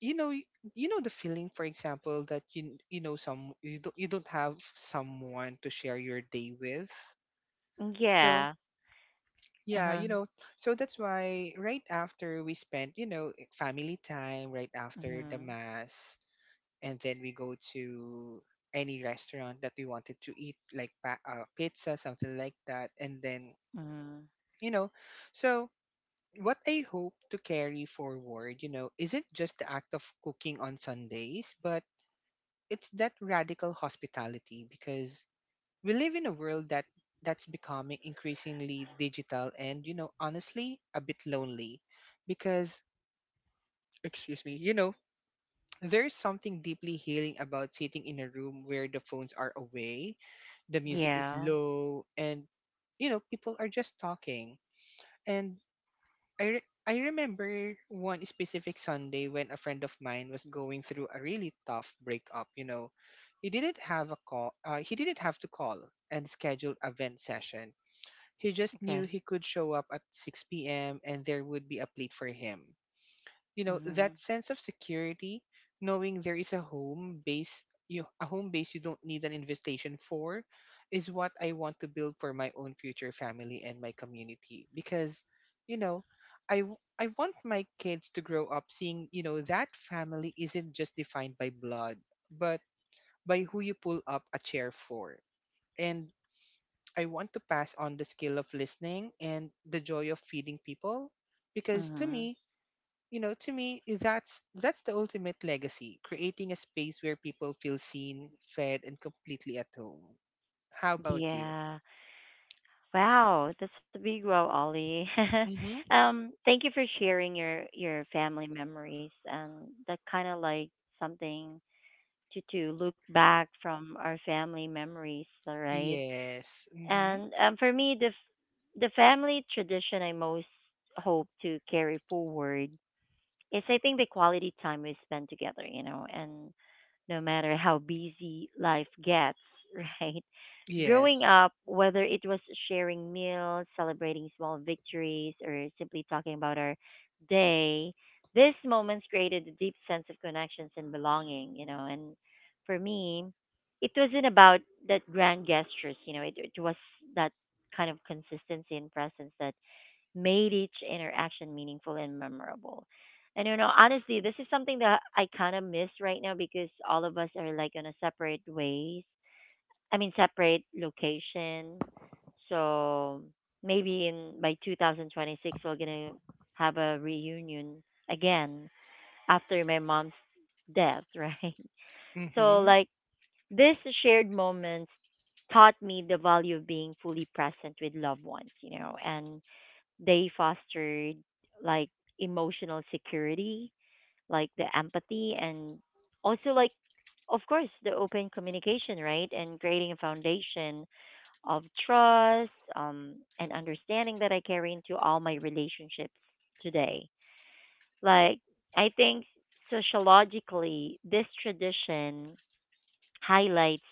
S2: you know y- you know, the feeling, for example, that you know some you don't have someone to share your day with. So
S1: Yeah.
S2: yeah,
S1: Uh-huh.
S2: you know, that's why right after we spent, you know, family time right after the
S1: Mm-hmm.
S2: mass, and then we go to any restaurant that we wanted to eat, like pizza, something like that. And then,
S1: Mm-hmm.
S2: you know, so what I hope to carry forward, you know, isn't just the act of cooking on Sundays, but it's that radical hospitality because we live in a world that that's becoming increasingly digital and, you know, honestly, a bit lonely because, excuse me, you know, there's something deeply healing about sitting in a room where the phones are away, the music is
S1: Yeah.
S2: low, and, you know, people are just talking. And I remember one specific Sunday when a friend of mine was going through a really tough breakup. You know, he didn't have a call. He didn't have to call and schedule a vent session. He just knew
S1: Okay.
S2: he could show up at 6 p.m. and there would be a plate for him. You know,
S1: Mm-hmm.
S2: that sense of security, knowing there is a home base, you a home base you don't need an invitation for, is what I want to build for my own future family and my community because, you know, I want my kids to grow up seeing, you know, that family isn't just defined by blood, but by who you pull up a chair for. And I want to pass on the skill of listening and the joy of feeding people because to
S1: Mm-hmm.
S2: me, you know, to me, that's the ultimate legacy, creating a space where people feel seen, fed, and completely at home. How about you?
S1: Yeah. Wow, that's a big wow, Ollie.
S2: Mm-hmm.
S1: Thank you for sharing your family memories and that kind of like something to look back from our family memories, all right?
S2: Yes. Mm-hmm.
S1: And for me, the family tradition I most hope to carry forward, it's I think the quality time we spend together, you know, and no matter how busy life gets, right? Growing
S2: Yes.
S1: up, whether it was sharing meals, celebrating small victories, or simply talking about our day, these moments created a deep sense of connections and belonging, you know. And for me, it wasn't about that grand gestures, you know, it was that kind of consistency and presence that made each interaction meaningful and memorable. And you know, honestly, this is something that I kind of miss right now because all of us are like on a separate ways. I mean, separate location. So maybe in by 2026, we're gonna have a reunion again after my mom's death, right? So
S2: Mm-hmm.
S1: like this shared moments taught me the value of being fully present with loved ones, you know, and they fostered like emotional security, like the empathy, and also like of course the open communication, right? And creating a foundation of trust, and understanding that I carry into all my relationships today. Like I think sociologically, this tradition highlights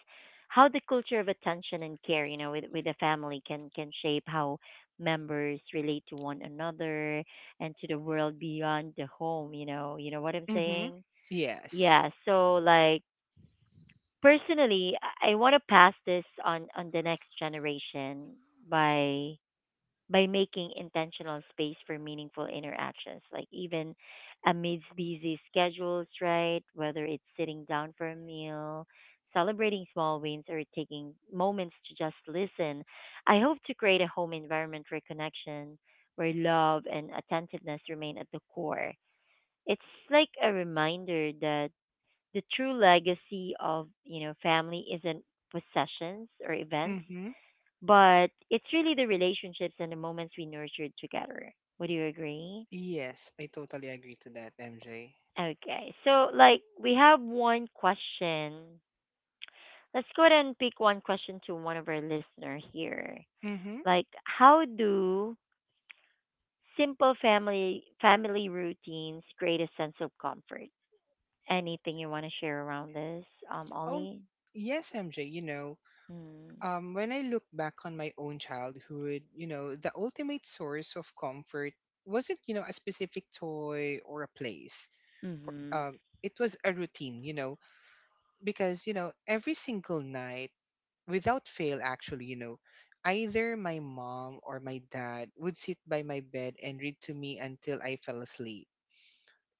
S1: how the culture of attention and care, you know, with a family can shape how members relate to one another and to the world beyond the home, you know. You know what I'm
S2: Mm-hmm.
S1: saying?
S2: Yes.
S1: Yeah, so like personally, I want to pass this on the next generation by by making intentional space for meaningful interactions, like even amidst busy schedules, right? Whether it's sitting down for a meal, celebrating small wins, or taking moments to just listen. I hope to create a home environment where connection, where love and attentiveness remain at the core. It's like a reminder that the true legacy of, you know, family isn't possessions or events
S2: Mm-hmm.
S1: but it's really the relationships and the moments we nurtured together. Would you agree?
S2: Yes, I totally agree to that, MJ.
S1: Okay. So, like, we have one question. Let's go ahead and pick one question to one of our listener here.
S2: Mm-hmm.
S1: Like, how do simple family routines create a sense of comfort? Anything you want to share around this,
S2: Oh
S1: Ollie?
S2: yes, MJ. You know,
S1: Mm.
S2: when I look back on my own childhood, you know, the ultimate source of comfort wasn't, you know, a specific toy or a place for,
S1: Mm-hmm.
S2: it was a routine, you know, because, you know, every single night, without fail, actually, you know, either my mom or my dad would sit by my bed and read to me until I fell asleep.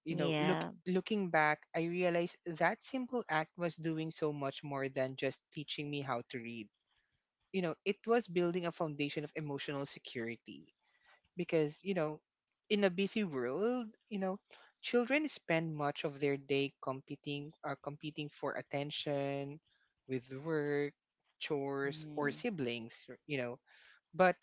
S2: You know, look
S1: Yeah.
S2: looking back, I realized that simple act was doing so much more than just teaching me how to read. You know, it was building a foundation of emotional security because, you know, in a busy world, you know, children spend much of their day competing for attention with work, chores, or
S1: Hmm.
S2: siblings, you know. But,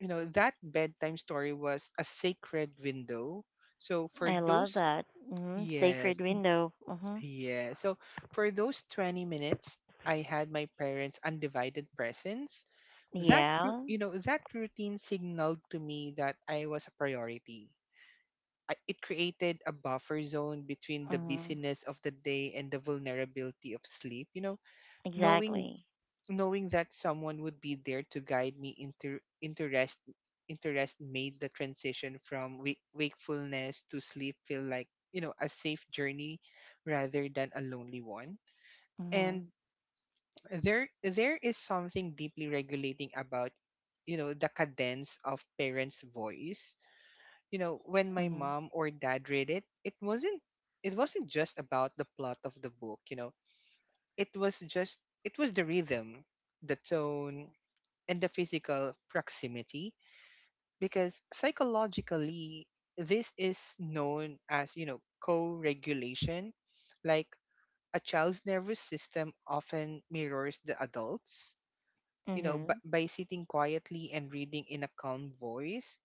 S2: you know, that bedtime story was a sacred window. So for
S1: I love
S2: those...
S1: that. Hmm. Sacred
S2: Yes. Mm.
S1: window. Hmm.
S2: Yeah, so for those 20 minutes I had my parents' undivided presence.
S1: Yeah.
S2: You know, that routine signaled to me that I was a priority. It created a buffer zone between the
S1: Mhm.
S2: busyness of the day and the vulnerability of sleep. You know, knowing
S1: Exactly.
S2: knowing that someone would be there to guide me into rest made the transition from wakefulness to sleep feel like, you know, a safe journey rather than a lonely one.
S1: Mhm.
S2: And there is something deeply regulating about, you know, the cadence of parents' voice. You know, when my
S1: Mhm.
S2: mom or dad read it, it wasn't just about the plot of the book. You know, it was just it was the rhythm, the tone, and the physical proximity because psychologically this is known as, you know, co-regulation. Like, a child's nervous system often mirrors the adults'. You know, but
S1: Mhm.
S2: by sitting quietly and reading in a calm voice,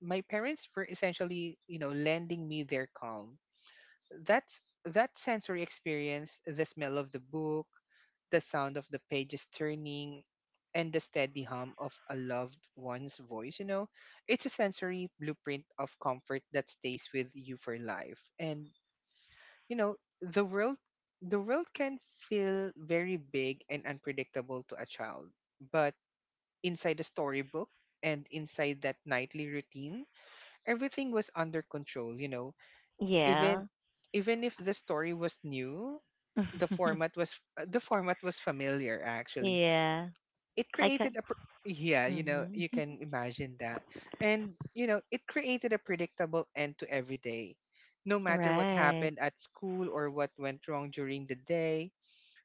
S2: my parents were essentially, you know, lending me their calm. That's that sensory experience: the smell of the book, the sound of the pages turning, and the steady hum of a loved one's voice. You know, it's a sensory blueprint of comfort that stays with you for life. And, you know, the world the world can feel very big and unpredictable to a child, but inside a storybook, and inside that nightly routine, everything was under control, you know. even
S1: Yeah.
S2: even if the story was new, the format was familiar, actually.
S1: Yeah.
S2: It
S1: I can.
S2: created a pr- Yeah, you know,
S1: Mhm.
S2: you can imagine that. And, you know, it created a predictable end to every day. No matter what
S1: Right.
S2: happened at school or what went wrong during the day,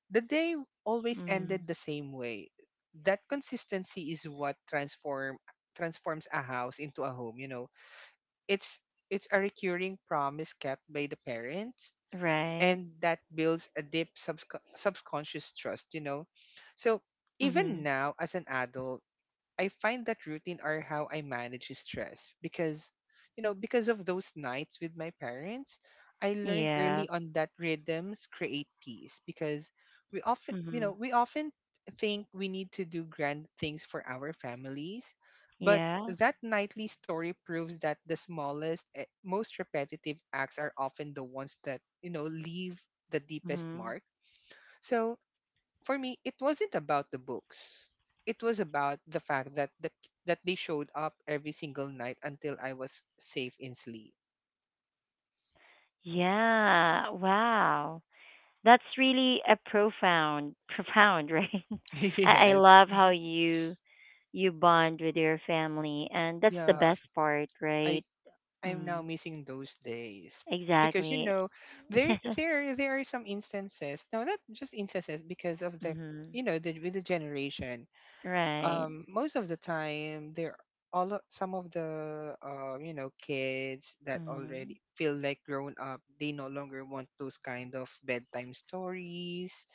S2: the day always
S1: Mm.
S2: ended the same way. That consistency is what transforms a house into a home. You know, it's it's a recurring promise kept by the parents,
S1: Right.
S2: and that builds a deep subconscious trust. You know, so even
S1: Mhm.
S2: now as an adult, I find that routine are how I manage stress because, you know, because of those nights with my parents, I learned early
S1: Yeah.
S2: on that rhythms create peace because we often, you know,
S1: Mhm.
S2: we often think we need to do grand things for our families, but
S1: Yeah.
S2: that nightly story proves that the smallest, most repetitive acts are often the ones that, you know, leave the deepest
S1: Mhm.
S2: mark. So for me, it wasn't about the books. It was about the fact that they showed up every single night until I was safe in sleep.
S1: Yeah. Wow. That's really a profound, profound, right? I
S2: Yes.
S1: love how
S2: Mhm.
S1: you you bond with your family, and that's the
S2: Yeah,
S1: best part,
S2: I
S1: right?
S2: I'm now
S1: Mm.
S2: missing those days because, you
S1: Exactly.
S2: know, there there there are some instances. No, not just instances because of the,
S1: Mhm.
S2: you know, the with the generation.
S1: Right.
S2: Most of the time there, some of the, you know, kids that
S1: Mhm.
S2: already feel like grown up, they no longer want those kind of bedtime stories,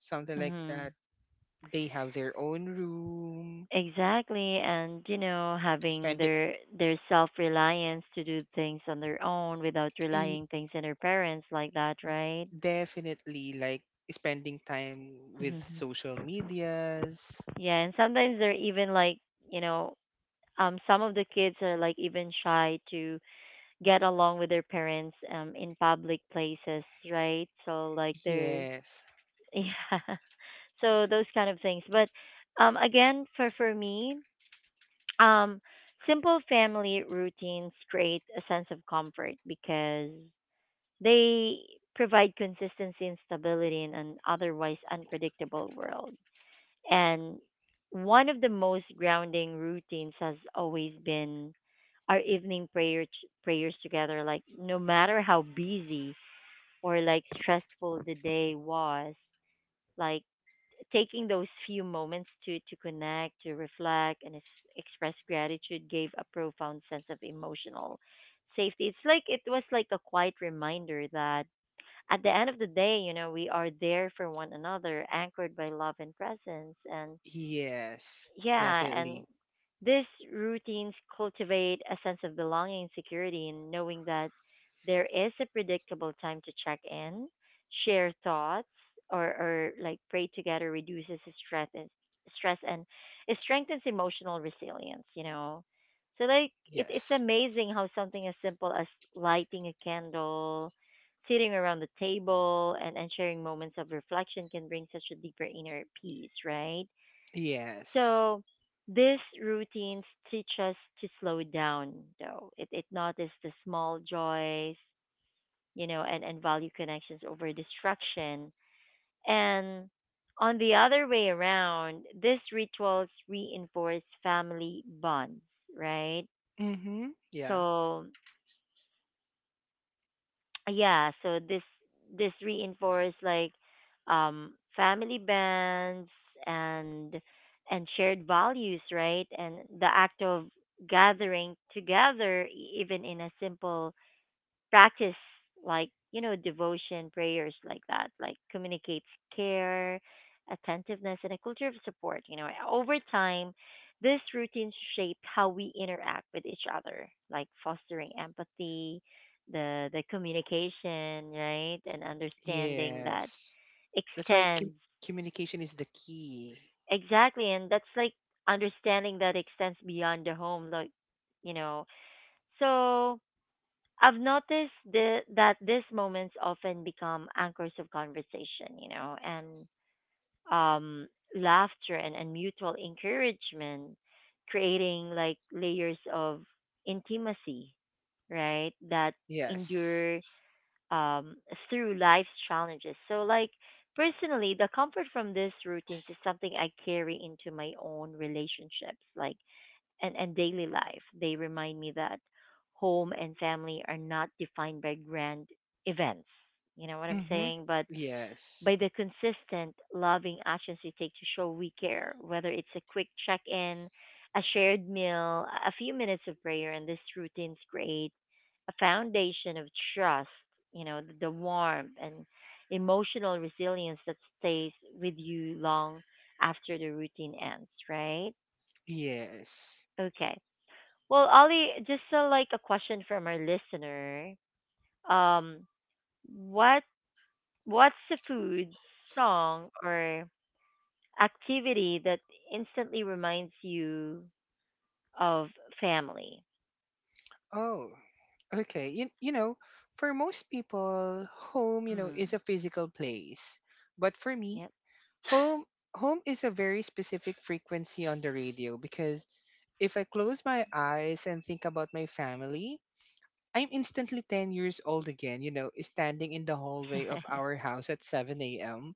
S2: something like
S1: Mhm.
S2: that. They have their own room.
S1: Exactly, and you know, having
S2: spending
S1: their self-reliance to do things on their own without
S2: e-
S1: relying things on their parents like that, right?
S2: Definitely, like, spending time with
S1: Mhm.
S2: social medias.
S1: Yeah, and sometimes they're even like, you know, some of the kids are like even shy to get along with their parents in public places, right? So like they're
S2: Yes.
S1: yeah. So those kind of things. But again for me, Um, simple family routines create a sense of comfort because they provide consistency and stability in an otherwise unpredictable world. And one of the most grounding routines has always been our evening prayers together. Like no matter how busy or like stressful the day was, like taking those few moments to connect, to reflect, and express gratitude gave a profound sense of emotional safety. It's like it was like a quiet reminder that at the end of the day, you know, we are there for one another, anchored by love and presence. And
S2: Yes.
S1: yeah, and
S2: Definitely.
S1: these routines cultivate a sense of belonging and security in knowing that there is a predictable time to check in, share thoughts, or, or pray together reduces stress and stress, and it strengthens emotional resilience, you know. So like it's
S2: Yes.
S1: amazing how something as simple as lighting a candle, sitting around the table and sharing moments of reflection can bring such a deeper inner peace, right?
S2: Yes.
S1: So these routines teach us to slow down, though. It notices the small joys, you know, and value connections over distraction. And on the other way around, these rituals reinforce family bonds, right?
S2: Mhm. Yeah.
S1: So yeah, so this reinforce like family bands and and shared values, right? And the act of gathering together even in a simple practice, like, you know, devotion prayers like that, like communicates care, attentiveness, and a culture of support, you know. Over time, this routine shaped how we interact with each other, like fostering empathy, the communication, right, and understanding that
S2: Yes. That's why
S1: extends.
S2: communication is the key.
S1: Exactly, and that's like understanding that extends beyond the home, like, you know. So I've noticed that these moments often become anchors of conversation, you know, and um, laughter and mutual encouragement, creating like layers of intimacy, right? That
S2: Yes.
S1: endure um, through life's challenges. So, like, personally, the comfort from these routines is something I carry into my own relationships, like and daily life. They remind me that home and family are not defined by grand events. You know what I'm
S2: Mm-hmm.
S1: saying? But
S2: Yes.
S1: by the consistent, loving actions we take to show we care, whether it's a quick check in, a shared meal, a few minutes of prayer, and this routines create a foundation of trust, you know, the warmth and emotional resilience that stays with you long after the routine ends, right?
S2: Yes.
S1: Okay. Well, Ali, just like a question from our listener. Um, what what's the food, song, or activity that instantly reminds you of family?
S2: Oh, okay. You know, for most people, home, you know, is
S1: Mm,
S2: a physical place. But for me,
S1: yep.
S2: home home is a very specific frequency on the radio because if I close my eyes and think about my family, I'm instantly 10 years old again, you know, standing in the hallway of our house at 7 a.m.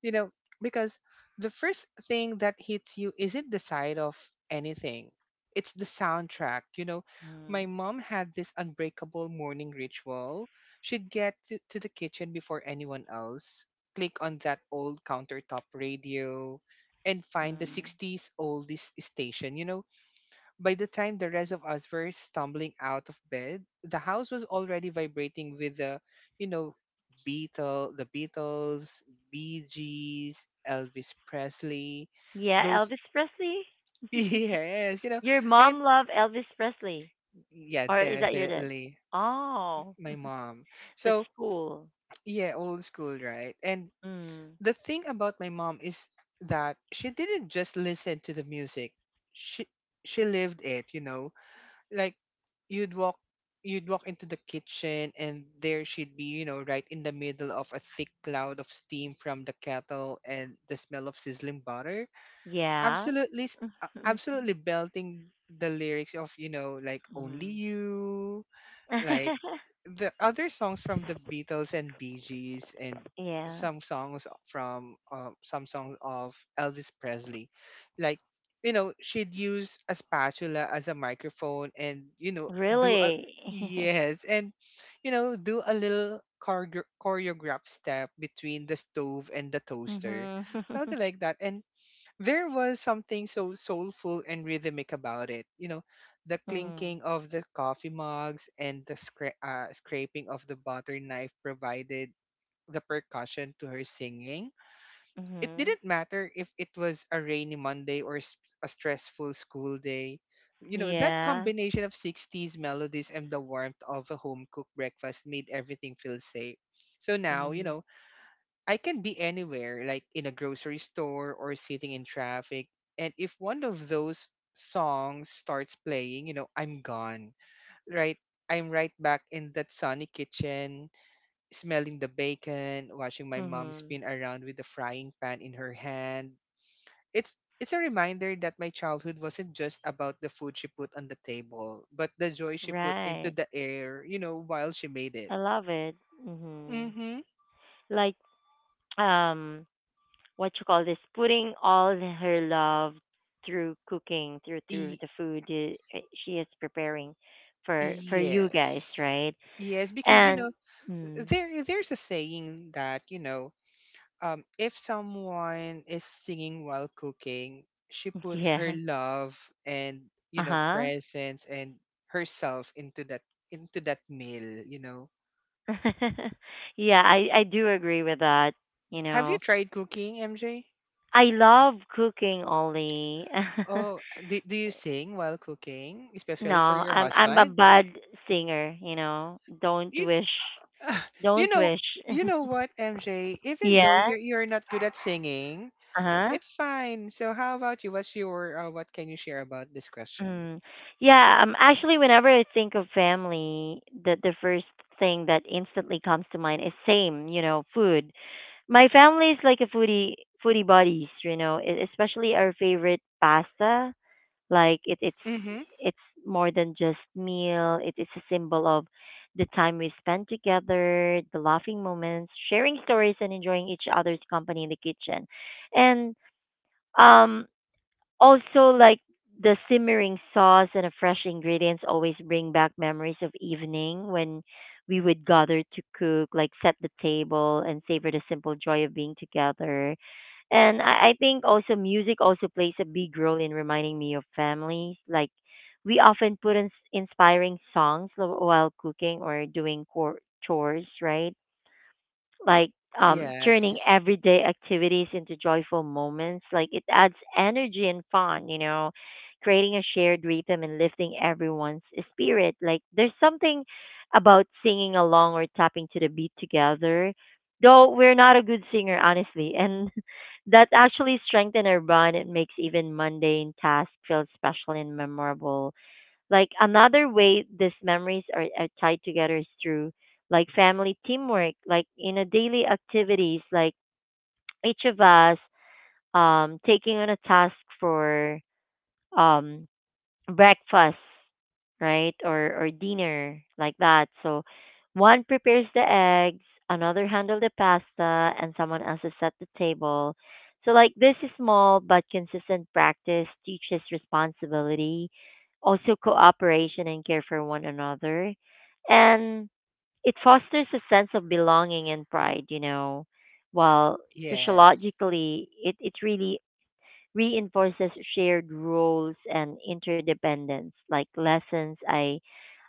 S2: You know, because the first thing that hits you isn't the sight of anything, it's the soundtrack. You know, my
S1: Mm,
S2: mom had this unbreakable morning ritual. She'd get to the kitchen before anyone else, click on that old countertop radio, and find the
S1: mm.
S2: 60s oldies station. You know, by the time the rest of us were stumbling out of bed, the house was already vibrating with the, you know, the Beatles, Bee Gees, Elvis Presley,
S1: Yeah,
S2: those.
S1: Elvis Presley.
S2: Yes, you know,
S1: Your
S2: and
S1: mom loved Elvis Presley,
S2: yeah,
S1: or is that your dad?
S2: definitely
S1: Oh,
S2: my mom.
S1: that's
S2: So
S1: cool.
S2: yeah, old school, right? And
S1: Mm,
S2: the thing about my mom is that she didn't just listen to the music; she she lived it. You know, like, you'd walk you'd walk into the kitchen, and there she'd be, you know, right in the middle of a thick cloud of steam from the kettle and the smell of sizzling butter,
S1: yeah.
S2: absolutely belting the lyrics of, you know, like, only
S1: Mm.
S2: you, like, the other songs from the Beatles and Bee Gees, and
S1: Yeah.
S2: some songs of Elvis Presley. Like, you know, she'd use a spatula as a microphone and, you know, do a...
S1: Really?
S2: Yes, and, you know, do a little choreograph step between the stove and the toaster,
S1: Mhm.
S2: something like that. And there was something so soulful and rhythmic about it. You know, the
S1: Mhm.
S2: clinking of the coffee mugs and the scraping of the butter knife provided the percussion to her singing. It
S1: Mhm.
S2: didn't matter if it was a rainy Monday or a stressful school day. You know, that
S1: Yeah.
S2: combination of 60s melodies and the warmth of a home cooked breakfast made everything feel safe. So now, you
S1: Mhm.
S2: know, I can be anywhere, like in a grocery store or sitting in traffic. And if one of those songs starts playing, you know, I'm gone, right? I'm right back in that sunny kitchen, smelling the bacon, watching my mom
S1: Mhm.
S2: spin around with the frying pan in her hand. It's it's a reminder that my childhood wasn't just about the food she put on the table, but the joy she put
S1: Right.
S2: into the air, you know, while she made
S1: I
S2: it.
S1: love it. Mhm.
S2: Mm-hmm.
S1: Like, um what you call this, putting her love through cooking, through the food she is preparing for you guys,
S2: Yes.
S1: right?
S2: Yes, because, you
S1: And
S2: know,
S1: mm,
S2: there's a saying that, you know, if someone is singing while cooking, she puts her
S1: yeah.
S2: love and, you know,
S1: Uh-huh.
S2: presence and herself into that meal. You know,
S1: Yeah, I do agree with that, you
S2: have you
S1: know.
S2: tried cooking, MJ?
S1: I love cooking, Ollie.
S2: Oh, do you sing while cooking,
S1: No,
S2: especially for your
S1: I'm a
S2: husband?
S1: bad singer, you know. Don't
S2: You
S1: wish.
S2: you
S1: Don't
S2: know
S1: wish.
S2: you know what, MJ? Even though
S1: Yeah.
S2: you're not good at singing,
S1: Uh-huh.
S2: it's fine. So how about you? What's your what can you share about this question?
S1: Mm. Yeah, actually whenever I think of family, the first thing that instantly comes to mind is same, you know, food. My family is like a foodie buddies, you know, especially our favorite pasta. Like it, it's
S2: Mm-hmm.
S1: it's more than just meal. It is a symbol of the time we spend together, the laughing moments, sharing stories, and enjoying each other's company in the kitchen. And um, also, like the simmering sauce and the fresh ingredients always bring back memories of evening when we would gather to cook, like set the table and savor the simple joy of being together. And I think also music also plays a big role in reminding me of families. Like we often put in inspiring songs while cooking or doing chores, right? Like turning
S2: Yes.
S1: everyday activities into joyful moments. Like it adds energy and fun, you know, creating a shared rhythm and lifting everyone's spirit. Like there's something about singing along or tapping to the beat together. Though we're not a good singer, honestly, and that actually strengthens our bond. It makes even mundane tasks feel special and memorable, like another way these memories are tied together is through like family teamwork, like in a daily activities, like each of us taking on a task for um breakfast, right? Or dinner like that. So one prepares the eggs, another handle the pasta, and someone else is at the table. So like this small but consistent practice teaches responsibility, also cooperation and care for one another. And it fosters a sense of belonging and pride, you know. While
S2: Yes.
S1: sociologically it really reinforces shared roles and interdependence, like lessons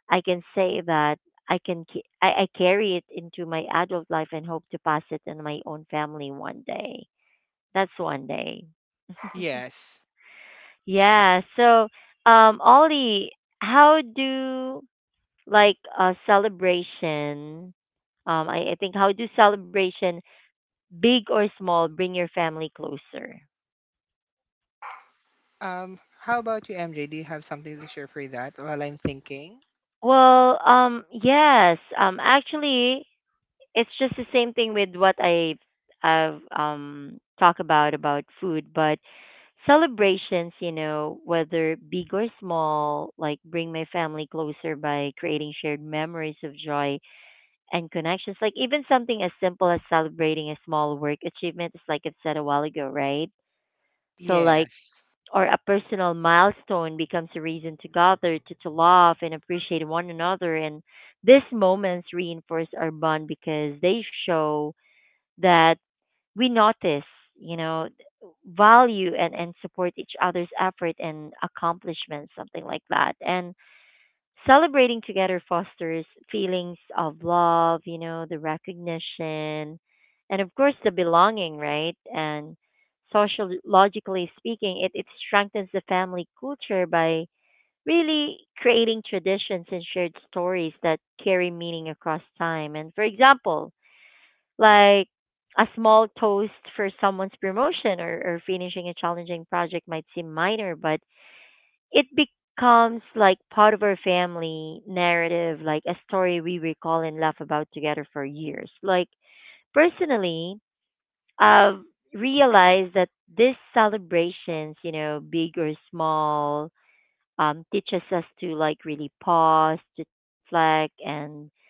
S1: I can say that I can ca- I carry it into my adult life and hope to pass it in my own family one day, that's one day.
S2: Yes.
S1: Yeah, so Ollie, how do like a celebration, I think how do celebration big or small bring your family closer?
S2: How about you, MJ? Do you have something to share for that while I'm thinking?
S1: Well, yes. Actually, it's just the same thing with what I've talk about food, but celebrations, you know, whether big or small, like bring my family closer by creating shared memories of joy and connections. Like even something as simple as celebrating a small work achievement is like I've said a while ago, right? So like
S2: Yes.
S1: or a personal milestone becomes a reason to gather, to laugh and appreciate one another, and these moments reinforce our bond because they show that we notice, you know, value and support each other's effort and accomplishments, something like that. And celebrating together fosters feelings of love, you know, the recognition, and of course the belonging, right? And sociologically speaking, it strengthens the family culture by really creating traditions and shared stories that carry meaning across time. And for example, like a small toast for someone's promotion or finishing a challenging project might seem minor, but it becomes like part of our family narrative, like a story we recall and laugh about together for years. Like personally, I've realized that these celebrations, you know, big or small, teaches us to like really pause, to reflect, and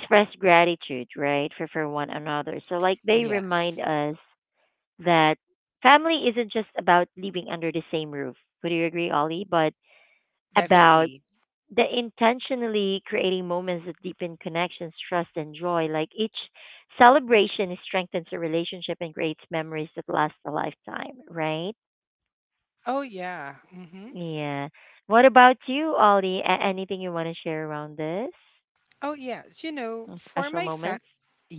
S1: express gratitude, right, for one another. So like they remind
S2: Yes.
S1: us that family isn't just about living under the same roof. Would you agree, Ollie? But about
S2: Definitely.
S1: the intentionally creating moments that deepen connections, trust, and joy. Like each celebration strengthens a relationship and creates memories that last a lifetime, right?
S2: Oh yeah. Mm-hmm.
S1: Yeah. What about you, Ollie? Anything you want to share around this?
S2: Oh yes. You know,
S1: Mm,
S2: for
S1: special
S2: my fa
S1: moments?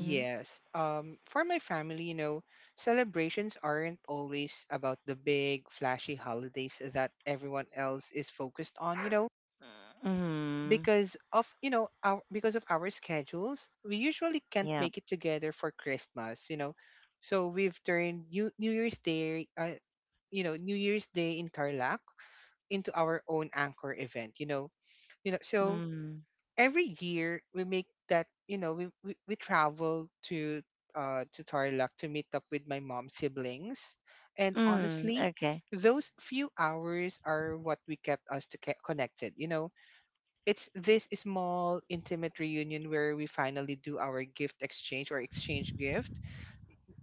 S1: Mm-hmm.
S2: For my family, you know, celebrations aren't always about the big flashy holidays that everyone else is focused on, you know,
S1: Mm,
S2: because of our schedules we usually can't
S1: yeah.
S2: make it together for Christmas. You know, so we've turned New Year's Day in Tarlac into our own anchor event, you know. You know, so
S1: Mm,
S2: every year we make that, you know, we travel to Tarlac to meet up with my mom's siblings, and
S1: mm,
S2: honestly,
S1: okay.
S2: those few hours are what we kept us connected. You know, it's this small intimate reunion where we finally do our gift exchange, or exchange gift.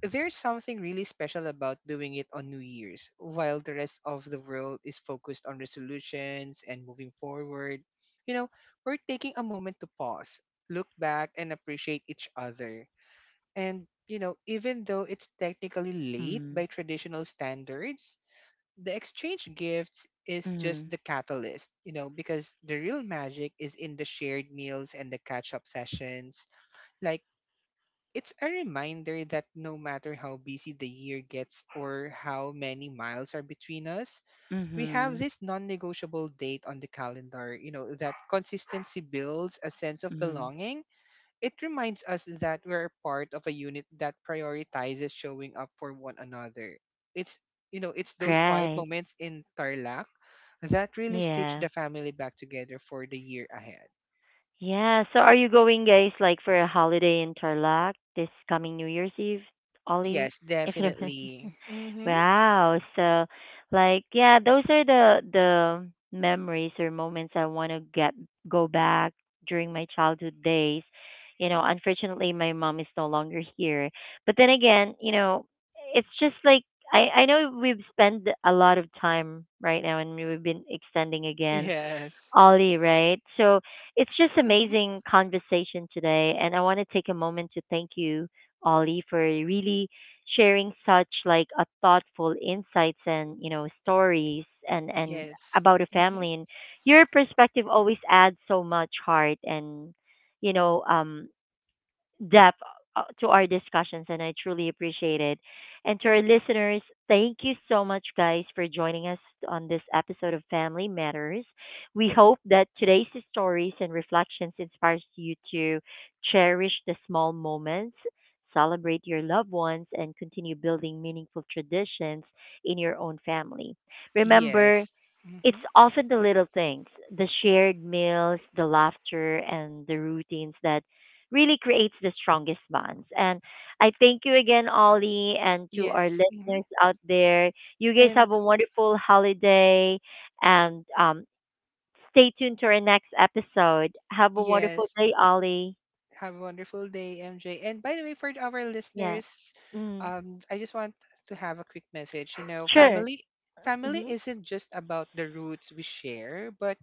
S2: There's something really special about doing it on New Year's while the rest of the world is focused on resolutions and moving forward. You know, we're taking a moment to pause, look back, and appreciate each other. And, you know, even though it's technically late
S1: Mm,
S2: by traditional standards, the exchange gifts is just
S1: mm,
S2: the catalyst, you know, because the real magic is in the shared meals and the catch up sessions. Like, it's a reminder that no matter how busy the year gets or how many miles are between us, we have
S1: mm-hmm.
S2: this non negotiable date on the calendar. You know, that consistency builds a sense of
S1: Mhm.
S2: belonging. It reminds us that we're part of a unit that prioritizes showing up for one another. It's You know, it's those quiet
S1: Right.
S2: moments in Tarlac that really stitched
S1: Yeah.
S2: the family back together for the year ahead.
S1: Yeah. So are you going, guys, like for a holiday in Tarlac this coming New Year's Eve, Ollie?
S2: Yes,
S1: If you do.
S2: definitely. Mm-hmm.
S1: Wow. So, like, yeah, those are the memories or moments I want to get go back during my childhood days. You know, unfortunately, my mom is no longer here. But then again, you know, it's just like I know we've spent a lot of time right now, and we've been extending again,
S2: Yes.
S1: Ollie, right? So it's just
S2: Mm-hmm.
S1: amazing conversation today, and I want to take a moment to thank you, Ollie, for really sharing such like a thoughtful insights and you know stories and
S2: Yes.
S1: about a
S2: Mm-hmm.
S1: family. And your perspective always adds so much heart and you know depth to our discussions, and I truly appreciate it. And to our listeners, thank you so much, guys, for joining us on this episode of Family Matters. We hope that today's stories and reflections inspires you to cherish the small moments. Celebrate your loved ones and continue building meaningful traditions in your own family. Remember,
S2: Yes.
S1: it's
S2: Mm-hmm.
S1: often the little things, the shared meals, the laughter, and the routines that really creates the strongest bonds. And I thank you again, Ollie, and to our
S2: Yes. Mm-hmm.
S1: listeners out there. You guys have
S2: And
S1: a wonderful holiday, and stay tuned to our next episode. Have a wonderful
S2: yes,
S1: day, Ollie.
S2: have a wonderful day, MJ. And by the way, for our
S1: Yeah.
S2: listeners,
S1: Mm.
S2: I just want to have a quick message. You know,
S1: Sure.
S2: family
S1: Hmm.
S2: isn't just about the roots we share, but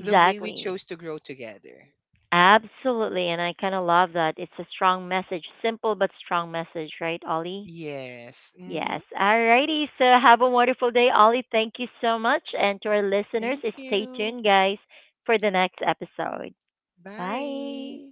S2: the way we chose to grow together.
S1: Absolutely. And I kind of love that. It's a strong message, simple but strong message, right, Ollie?
S2: Yes.
S1: Yes.
S2: Mm-hmm.
S1: Alrighty. So have a wonderful day, Ollie. Thank you so much. And to our listeners,
S2: Thank
S1: stay
S2: you.
S1: tuned, guys, for the next episode.
S2: Bye.
S1: Bye.